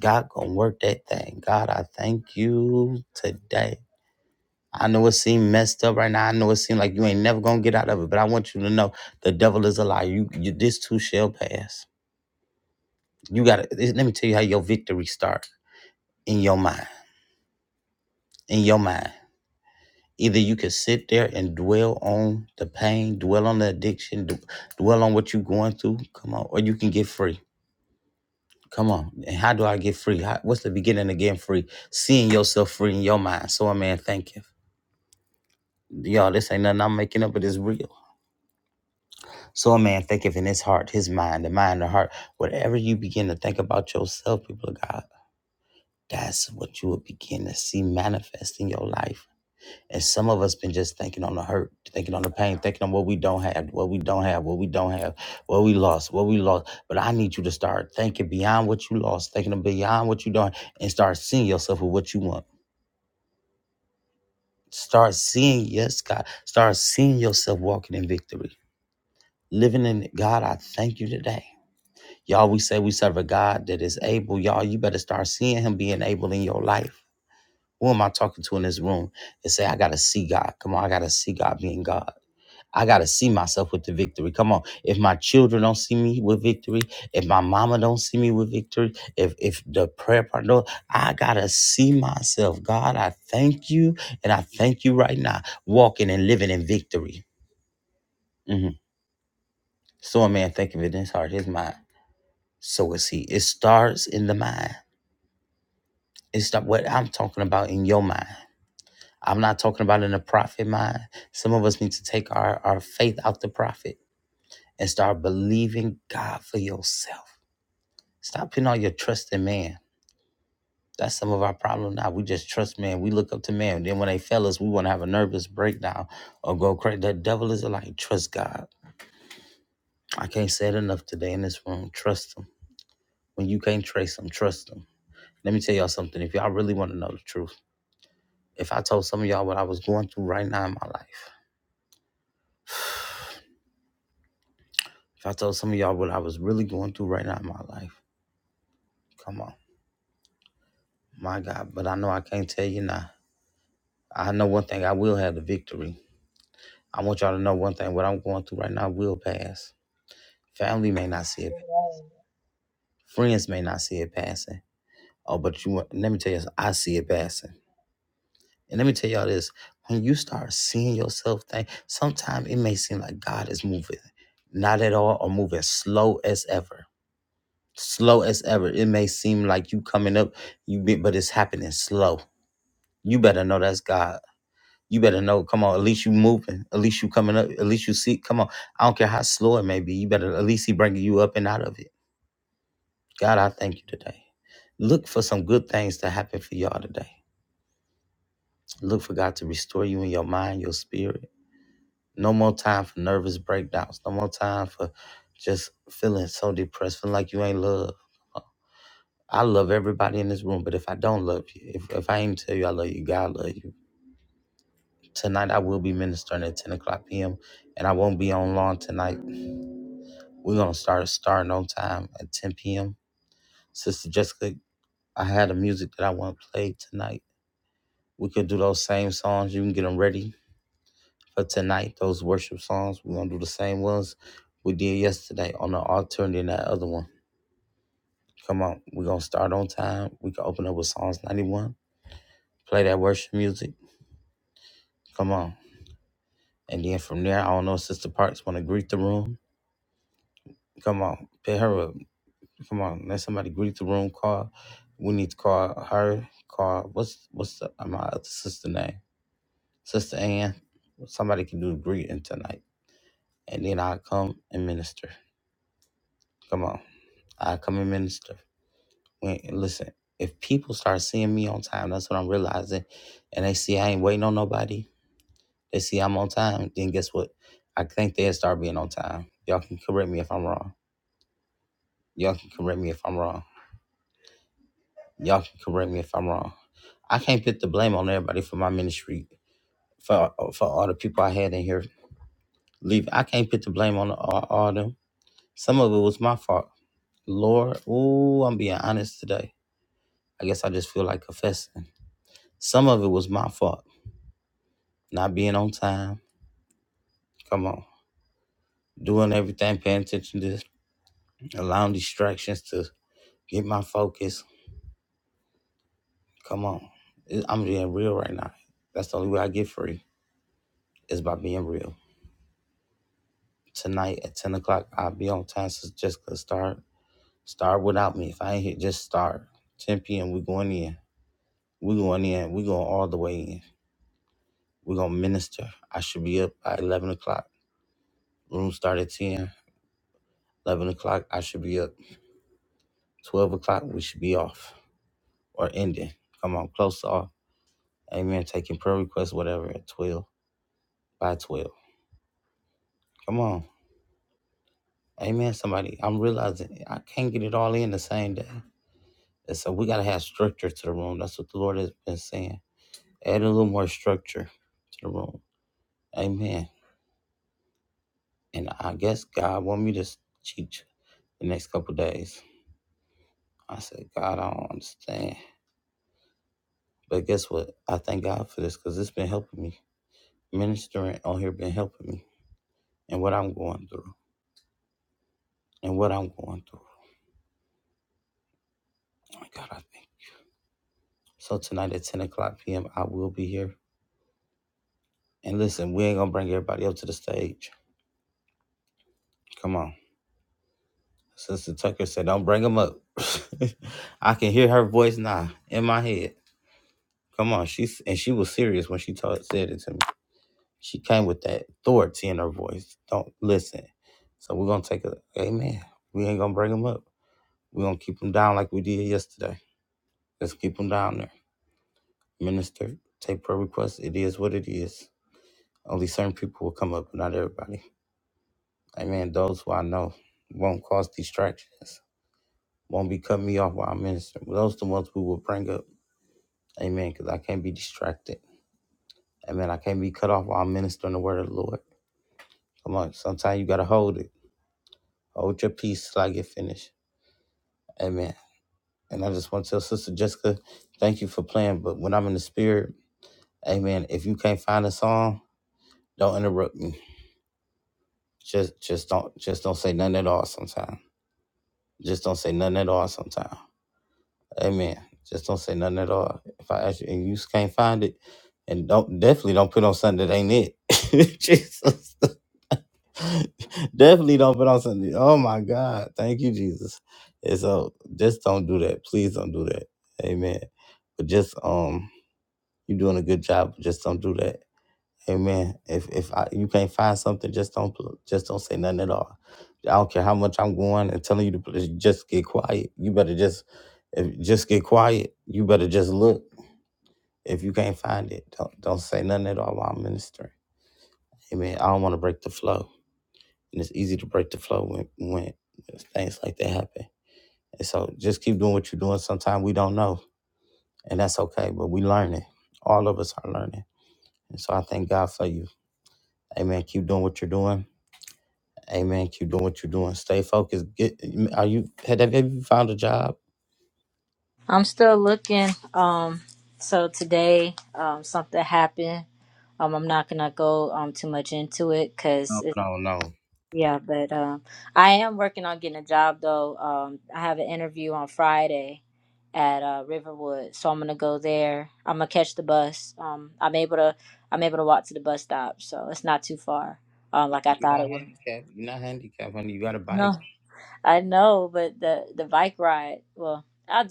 Speaker 2: God gonna work that thing. God, I thank you today. I know it seemed messed up right now. I know it seemed like you ain't never gonna get out of it, but I want you to know the devil is a lie. You, you this too shall pass. You gotta let me tell you how your victory start in your mind. In your mind. Either you can sit there and dwell on the pain, dwell on the addiction, d- dwell on what you're going through. Come on, or you can get free. Come on. And how do I get free? How, what's the beginning of getting free? Seeing yourself free in your mind. So a man thinketh. Y'all, this ain't nothing I'm making up, but it's real. So a man thinketh in his heart, his mind, the mind, the heart. Whatever you begin to think about yourself, people of God, that's what you will begin to see manifest in your life And some of us been just thinking on the hurt, thinking on the pain, thinking on what we don't have, what we don't have, what we don't have, what we lost, what we lost. But I need you to start thinking beyond what you lost, thinking beyond what you don't, and start seeing yourself with what you want. Start seeing, yes, God, start seeing yourself walking in victory, living in it. God. I thank you today. Y'all, we say we serve a God that is able. Y'all, you better start seeing Him being able in your life. Who am I talking to in this room? And say, I got to see God. Come on, I got to see God being God. I gotta see myself with the victory. Come on. If my children don't see me with victory, if my mama don't see me with victory, if if the prayer partner, I gotta see myself. God, I thank you, and I thank you right now, walking and living in victory. hmm So a man thinketh in his heart, his mind. So is he. It starts in the mind. It's not what I'm talking about in your mind. I'm not talking about in the prophet mind. Some of us need to take our, our faith out the prophet and start believing God for yourself Stop putting all your trust in man. That's some of our problem now. We just trust man. We look up to man. Then when they fail us, we want to have a nervous breakdown or go crazy. The devil is like, trust God. I can't say it enough today in this room. Trust him. When you can't trace him, trust him. Let me tell y'all something. If y'all really want to know the truth, if I told some of y'all what I was going through right now in my life, if I told some of y'all what I was really going through right now in my life, come on. My God. But I know I can't tell you now. I know one thing. I will have the victory. I want y'all to know one thing what I'm going through right now will pass. Family may not see it,
Speaker 5: Amen.
Speaker 2: friends may not see it passing. Oh, but you want- let me tell you, I see it passing. And let me tell y'all this when you start seeing yourself think, sometimes it may seem like God is moving, not at all, or moving slow as ever. Slow as ever. It may seem like you coming up, you be, but it's happening slow. You better know that's God You better know. Come on, at least you moving. At least you coming up. At least you see. Come on, I don't care how slow it may be. You better at least he bringing you up and out of it. God, I thank you today. Look for some good things to happen for y'all today. Look for God to restore you in your mind, your spirit. No more time for nervous breakdowns. No more time for just feeling so depressed, feeling like you ain't loved. I love everybody in this room, but if I don't love you, if, if I ain't tell you I love you, God love you. Tonight I will be ministering at 10 o'clock p.m. and I won't be on long tonight. We're gonna start starting on time at 10 p.m. Sister Jessica, I had a music that I want to play tonight. We could do those same songs. You can get them ready for tonight. Those worship songs. We're gonna do the same ones we did yesterday on the altar and then that other one. Come on, we're gonna start on time. We can open up with Psalms 91. Play that worship music. Come on. And then from there, I don't know, Sister Parks wanna greet the room. Come on, pick her up. Come on, let somebody greet the room. Call. We need to call her. Call. What's what's the, my other sister name? Sister Ann. Somebody can do the greeting tonight, and then i come and minister. Come on, I come and minister. When, listen, if people start seeing me on time, that's what I'm realizing, and they see I ain't waiting on nobody. They see I'm on time. Then guess what? I think they'll start being on time. Y'all can correct me if I'm wrong. Y'all can correct me if I'm wrong. Y'all can correct me if I'm wrong. I can't put the blame on everybody for my ministry, for for all the people I had in here leave. I can't put the blame on all, all of them. Some of it was my fault. Lord, ooh, I'm being honest today. I guess I just feel like confessing. Some of it was my fault. Not being on time. Come on. Doing everything, paying attention to this, allowing distractions to get my focus. Come on. It- I'm being real right now. That's the only way I get free is by being real. tonight at 10 o'clock. I'll be on time, so just gonna start. Start without me. If I ain't here, just start. 10 p.m. we going in. we going in. we going all the way in. we gonna minister. I should be up by 11 o'clock. Room start at 10. 11 o'clock, I should be up. 12 o'clock, we should be off or ending. Come on, close off. Amen. Taking prayer requests, whatever, at 12, by 12. Come on. Amen, somebody. I'm realizing I can't get it all in the same day. And so we got to have structure to the room. That's what the Lord has been saying add a little more structure to the room. Amen. And I guess God want me to teach the next couple days. I said, God, I don't understand. But guess what? I thank God for this because it's been helping me. Ministering on here been helping me and what I'm going through and what I'm going through. Oh my God, I think. So tonight at 10 o'clock p.m., I will be here. And listen, we ain't going to bring everybody up to the stage. Come on. Sister Tucker said, don't bring them up. I can hear her voice now in my head. Come on, she's and she was serious when she told, said it to me. She came with that authority in her voice. Don't listen. So we're gonna take a amen. We ain't gonna bring them up. We're gonna keep them down like we did yesterday. Let's keep them down there. Minister, take prayer requests. It is what it is. Only certain people will come up, but not everybody. Amen. Those who I know won't cause distractions, won't be cutting me off while I minister. Those are the ones we will bring up. Amen. Because I can't be distracted. Amen. I can't be cut off while I'm ministering the word of the Lord. Come on, sometimes you gotta hold it. Hold your peace till I get finished. Amen. And I just want to tell Sister Jessica, thank you for playing. But when I'm in the spirit, Amen. If you can't find a song, don't interrupt me. Just just don't just don't say nothing at all sometimes. Just don't say nothing at all sometimes. Amen. Just don't say nothing at all. If I ask you and you just can't find it, and don't definitely don't put on something that ain't it. Jesus. Definitely don't put on Sunday. Oh my God. Thank you, Jesus. And so just don't do that. Please don't do that. Amen. But just um you're doing a good job, but just don't do that. Amen. If if I, you can't find something, just don't pl- just don't say nothing at all. I don't care how much I'm going and telling you to pl- just get quiet. You better just if just get quiet. You better just look. If you can't find it, don't don't say nothing at all while I'm ministering. Amen. I don't want to break the flow and it's easy to break the flow when when things like that happen. And so just keep doing what you're doing. Sometimes we don't know, and that's okay. But we learning. All of us are learning. And so I thank God for you. Amen. Keep doing what you're doing. Amen. Keep doing what you're doing. Stay focused. Get. Are you have have you found a job?
Speaker 3: I'm still looking. Um, so today, um, something happened. Um, I'm not gonna go um too much into it because.
Speaker 2: No, no, no.
Speaker 3: Yeah, but um, I am working on getting a job though. Um, I have an interview on Friday at uh, Riverwood, so I'm gonna go there. But, uh, I may bar. Um,
Speaker 2: Yeah, You're not handicapped. You're not handicapped, honey. You got a bike.
Speaker 3: no, I will. I,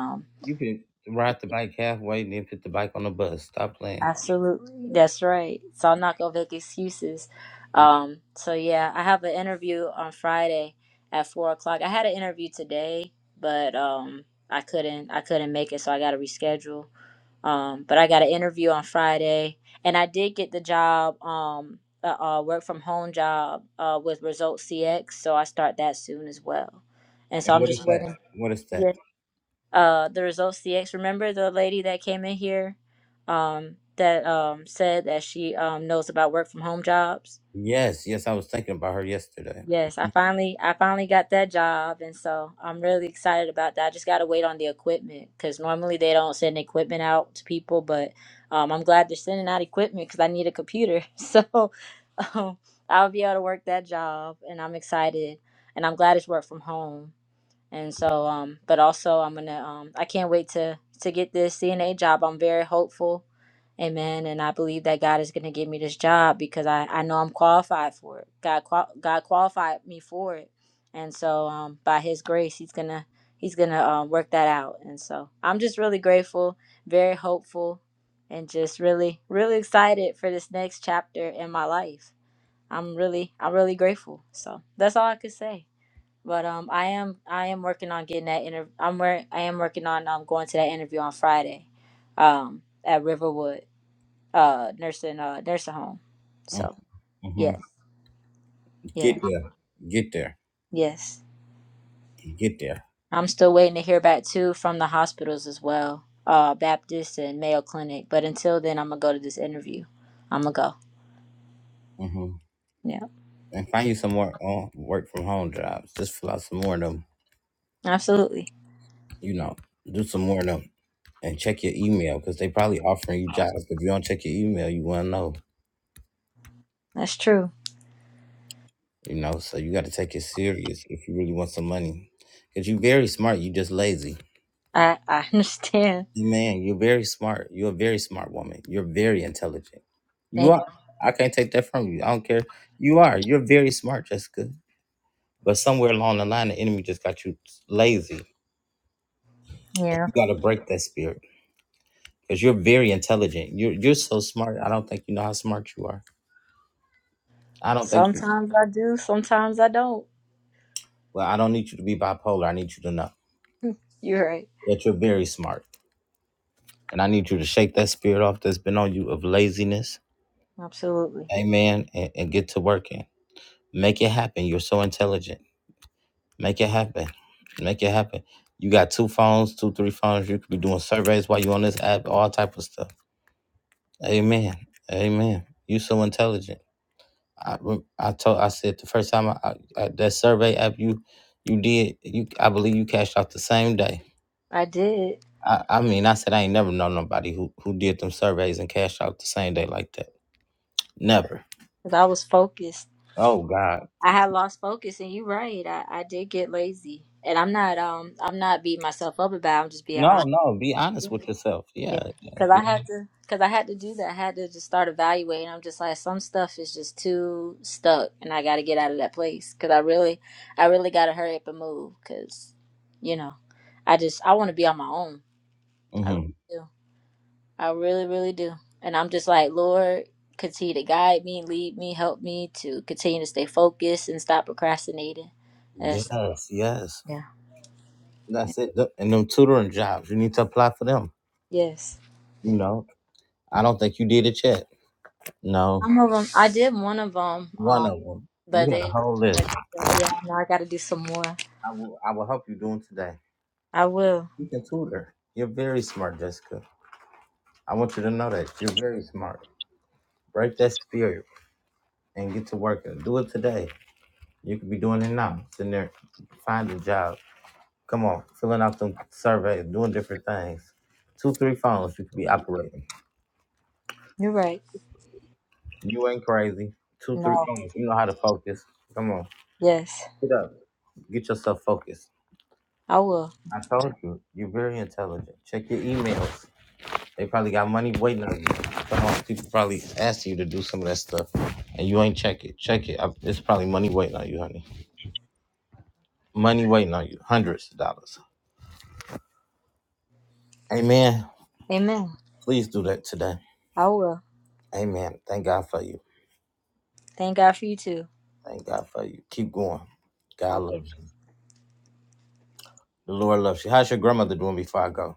Speaker 3: um,
Speaker 2: You can ride the bike halfway and then put the bike on the bus. Stop playing.
Speaker 3: absolutely, that's excuses. Um, so yeah, I have an interview on Friday at four o'clock. I had an interview today, but um, I couldn't. I couldn't make it, so I got to reschedule. Um, but I got an interview on Friday, and I did get the job, um, a, a work from home job uh, with Results CX. So I start that soon as well. And
Speaker 2: And
Speaker 3: so I'm
Speaker 2: what is
Speaker 3: just
Speaker 2: that?
Speaker 3: waiting.
Speaker 2: What is that?
Speaker 3: Yeah. Uh, the Results CX. Remember the lady that came in here? Um, that um said she um knows about work from home jobs.
Speaker 2: Yes, yes, I was thinking about her yesterday.
Speaker 3: Yes, I finally I finally got that job and so I'm really excited about that. I just got to wait on the equipment cuz normally they don't send equipment out to people, but um I'm glad they're sending out equipment cuz I need a computer. So um I'll be able to work that job and I'm excited and I'm glad it's work from home and so um but also i'm gonna um i can't wait to to get this cna job i'm very hopeful amen and i believe that god is gonna give me this job because i i know i'm qualified for it god qual- god qualified me for it and so um by his grace he's gonna he's gonna um, work that out and so i'm just really grateful very hopeful and just really really excited for this next chapter in my life i'm really i'm really grateful so that's all i could say but um, I am I am working on getting that interview. I'm wor- I am working on um going to that interview on Friday, um at Riverwood uh nursing uh nursing home. So
Speaker 2: Mm-hmm.
Speaker 3: yeah yeah
Speaker 2: Get there. Get there.
Speaker 3: yes
Speaker 2: Get there.
Speaker 3: I'm still in hospital uh Baptist and Mayo Clinic. But you, I'm gonna go.
Speaker 2: hmm
Speaker 3: Yeah,
Speaker 2: And find you some more uh, work from home jobs. Just fill out some more of them,
Speaker 3: absolutely.
Speaker 2: you know, do some more of them and check your email because they probably offering you jobs. If you don't check your email, you won't know,
Speaker 3: That's true.
Speaker 2: you know, so you got to take it serious if you really want some money. Because you very smart, you just lazy.
Speaker 3: I I understand.
Speaker 2: Man, you're very smart. You're a very smart woman. You're very intelligent. You
Speaker 3: Thank
Speaker 2: are. I can't take that from you. I don't care. You are. You're very smart, Jessica. But somewhere along the line, the enemy just got you lazy. And
Speaker 3: yeah.
Speaker 2: you got to break that spirit because you're very intelligent. You're you're so smart. I don't think you know how smart you are. I don't think you.
Speaker 3: Sometimes I do. Sometimes I don't.
Speaker 2: Well, I don't need you to be bipolar. I need you to know
Speaker 3: You're right.
Speaker 2: that you're very smart, and I need you to shake that spirit off that's been on you of laziness.
Speaker 3: Absolutely.
Speaker 2: Amen. And, and get to working. Make it happen. You're so intelligent. Make it happen. Make it happen. You got two phones, two, three phones. You could be doing surveys while you on this app, all type of stuff. Amen. Amen. You so intelligent. I rem- I told I said the first time I, I, I- that survey app you you did you I believe you cashed out the same day.
Speaker 3: I did
Speaker 2: I, I mean I said I ain't never known nobody who who did them surveys and cashed out the same day like that. Never.
Speaker 3: because I was focused.
Speaker 2: Oh God.
Speaker 3: I had lost focus, and you're right. I, I did get lazy, and I'm not um I'm not beating myself up about. it. I'm just being
Speaker 2: No,
Speaker 3: honest.
Speaker 2: no. Be honest with yourself. Yeah.
Speaker 3: Yeah,
Speaker 2: yeah
Speaker 3: because I
Speaker 2: be.
Speaker 3: had to because I had to do that. I had to just start evaluating. I'm just like some stuff is just too stuck, and I got to get out of that place. Because I really I really got to hurry up and move. Because you know I just I want to be on my own. I really
Speaker 2: hmm
Speaker 3: do. I really, really do. And I'm just like, Lord, continue to guide me, lead me, help me to continue to stay focused and stop procrastinating. And so,
Speaker 2: Yes. Yes.
Speaker 3: yeah.
Speaker 2: That's it. Th- And them tutoring jobs, you need to apply for them.
Speaker 3: Yes.
Speaker 2: You know, I don't think you did it yet. No,
Speaker 3: Some of them, I did one of them,
Speaker 2: one
Speaker 3: um,
Speaker 2: of them. You
Speaker 3: but
Speaker 2: got a
Speaker 3: they,
Speaker 2: whole list.
Speaker 3: but uh, yeah, now I got to do some more.
Speaker 2: I will. I will help you do them today.
Speaker 3: I will.
Speaker 2: You can tutor. You're very smart, Jessica. I want you to know that you're very smart. Break that spirit and get to work and do it today. You could be doing it now. Sitting there, find a job. Come on, filling out some surveys, doing different things. Two, three phones you could be operating.
Speaker 3: You're right.
Speaker 2: You ain't crazy. Two, three
Speaker 3: No.
Speaker 2: phones. You know how to focus. Come on.
Speaker 3: Yes.
Speaker 2: Get up. Get yourself focused.
Speaker 3: I will.
Speaker 2: I told you, you're very intelligent. Check your emails. They probably got money waiting on you. Some of those people probably asked you to do some of that stuff, and you ain't check it. Check it. I, it's probably money waiting on you, honey. Money waiting on you. Hundreds of dollars. Amen.
Speaker 3: Amen.
Speaker 2: Please do that today.
Speaker 3: I will.
Speaker 2: Amen. Thank God for you.
Speaker 3: Thank God for you too.
Speaker 2: Thank God for you. Keep going.
Speaker 3: I
Speaker 2: God
Speaker 3: will.
Speaker 2: loves you. The Lord loves you. How's your grandmother doing before I go?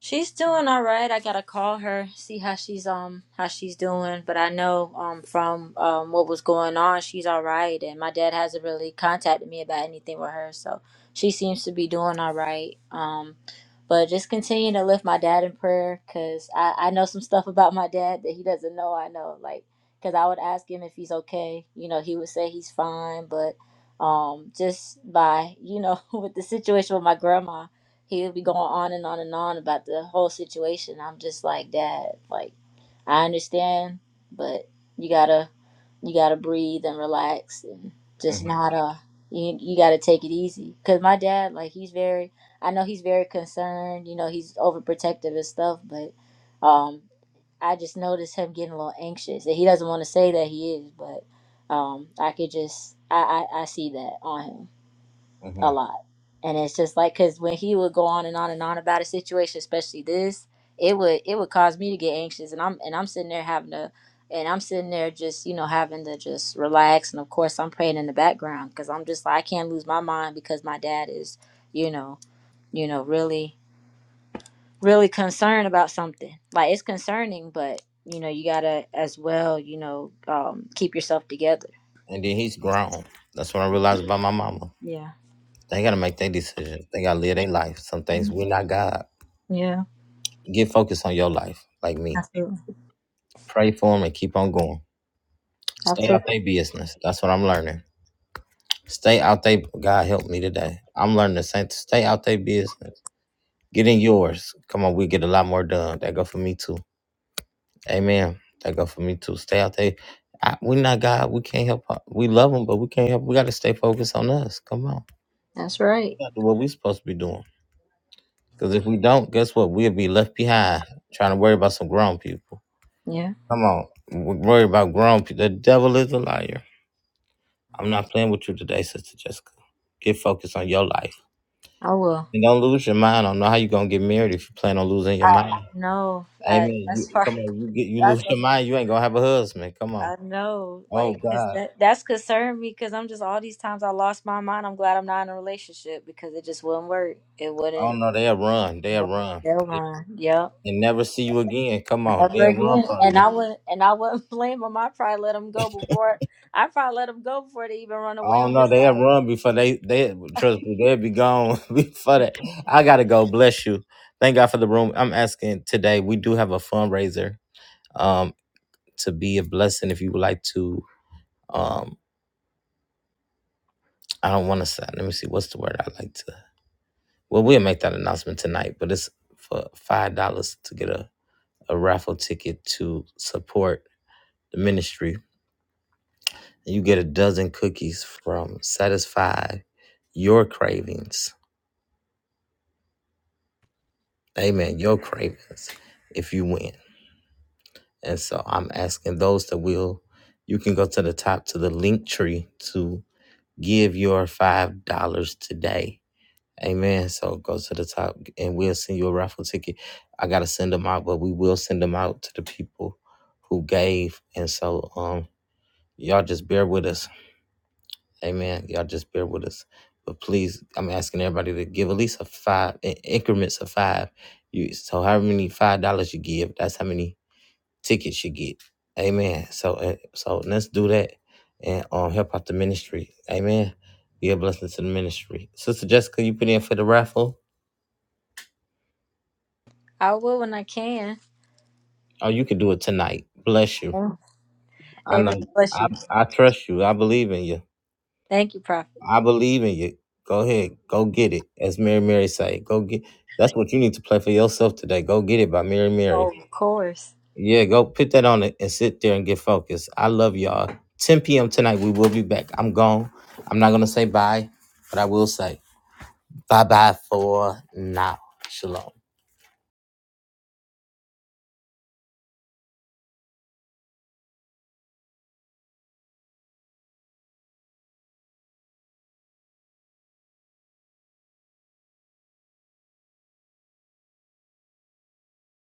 Speaker 3: She's doing all right. I gotta call her, see how she's um how she's doing. But I know um from um what was going on, she's all right. And my dad hasn't really contacted me about anything with her, so she seems to be doing all right. Um, but just continue to lift my dad in prayer because I, I know some stuff about my dad that he doesn't know I know. Like, because I would ask him if he's okay. You know, he would say he's fine. But um, just by, you know, with the situation with my grandma, he would be going on and on and on about the whole situation. I'm just like, Dad, like, I understand, but you gotta, you gotta breathe and relax and just not, uh, you, you gotta take it easy. Because my dad, like, he's very, I know he's very concerned. You know, he's overprotective and stuff, but um, I just noticed him getting a little anxious, and he doesn't want to say that he is, but um, I could just I, I I see that on him
Speaker 2: hmm
Speaker 3: a lot. And it's just like because when he would go on and on and on about a situation, especially this, it would it would cause me to get anxious, and I'm and I'm sitting there having to, and I'm sitting there just you know having to just relax, and of course I'm praying in the background because I'm just like I can't lose my mind because my dad is, you know, you know really really concerned about something. Like it's concerning, but you know you gotta as well you know um, keep yourself together.
Speaker 2: And then he's grown. That's what I realized about my mama.
Speaker 3: Yeah.
Speaker 2: They gotta make their decisions. They gotta live their life. Some things we're not God.
Speaker 3: Yeah.
Speaker 2: Get focused on your life, like me.
Speaker 3: Absolutely.
Speaker 2: Pray for them and keep on going. Stay out
Speaker 3: Absolutely.
Speaker 2: their business. That's what I'm learning. Stay out they. God help me today. I'm learning the same. Stay out their business. Get in yours. Come on, we get a lot more done. That go for me too. Amen. That go for me too. Stay out there. We're not God. We can't help. uh, We love them, but we can't help. We gotta stay focused on us. Come on.
Speaker 3: That's right.
Speaker 2: That's what we supposed to be doing. Because if we don't, guess what? We'll be left behind trying to worry about some grown people.
Speaker 3: Yeah.
Speaker 2: Come on, w- worry about grown people. The devil is a liar. I'm not playing with you today, Sister Jessica. Get focused on your life.
Speaker 3: I will.
Speaker 2: And don't lose your mind. I don't know how you're going to get married if you plan on losing
Speaker 3: I,
Speaker 2: your mind.
Speaker 3: I know.
Speaker 2: Amen.
Speaker 3: I, that's
Speaker 2: You,
Speaker 3: part.
Speaker 2: come on, you, get, you lose
Speaker 3: That's. a-
Speaker 2: your mind, you ain't going to have a husband. Come on.
Speaker 3: I know.
Speaker 2: Oh,
Speaker 3: Like, cause
Speaker 2: God.
Speaker 3: that that's concerned me. Cause I'm just all these times I lost my mind. I'm glad I'm not in a relationship because it just wouldn't work. It
Speaker 2: I
Speaker 3: wouldn't.
Speaker 2: don't know. They'll run. They'll
Speaker 3: work.
Speaker 2: run.
Speaker 3: Never mind. Yep.
Speaker 2: And never see you again. Come on.
Speaker 3: Never
Speaker 2: They'll run
Speaker 3: again.
Speaker 2: from
Speaker 3: And
Speaker 2: you.
Speaker 3: I wouldn't. And I wouldn't blame them. I probably let them go before. I probably let them go before they even run
Speaker 2: I
Speaker 3: away.
Speaker 2: don't
Speaker 3: I'm
Speaker 2: know.
Speaker 3: just
Speaker 2: They'll
Speaker 3: like
Speaker 2: run before they they trust me. They'll be gone before that. I gotta go. Bless you. Thank God for the room. I'm asking today. We do have a fundraiser. Um, to be a blessing if you would like to. Um, I don't want to say. Let me see. What's the word I like to? Well, we'll make that announcement tonight. But it's for five dollars to get a a raffle ticket to support the ministry. You get a dozen cookies from Satisfy Your Cravings Amen. Your cravings if you win. And so I'm asking those that will, you can go to the top to the link tree to give your $5 today. Amen. So go to the top and we'll send you a raffle ticket. I got to send them out, but we will send them out to the people who gave. And so um, y'all just bear with us Amen. Y'all just bear with us. But please, I'm asking everybody to give at least a five in increments of five. You so however many five dollars you give, that's how many tickets you get. Amen. So uh, so let's do that and um help out the ministry. Amen. Be a blessing to the ministry. Sister Jessica, you put in for the raffle.
Speaker 3: I will when I can.
Speaker 2: Oh, you can do it tonight. Bless you. I
Speaker 3: Amen.
Speaker 2: know.
Speaker 3: Bless
Speaker 2: I
Speaker 3: you.
Speaker 2: I trust you. I believe in you.
Speaker 3: Thank you, Prophet.
Speaker 2: I believe in you. Go ahead, go get it. As Mary Mary say, go get. That's what you need to play for yourself today. Go get it by Mary
Speaker 3: Oh,
Speaker 2: Mary.
Speaker 3: of course.
Speaker 2: Yeah, go put that on it and sit there and get focused. I love y'all. 10 p.m. tonight, we will be back. I'm gone. I'm not gonna say bye, but I will say bye bye for now. Shalom.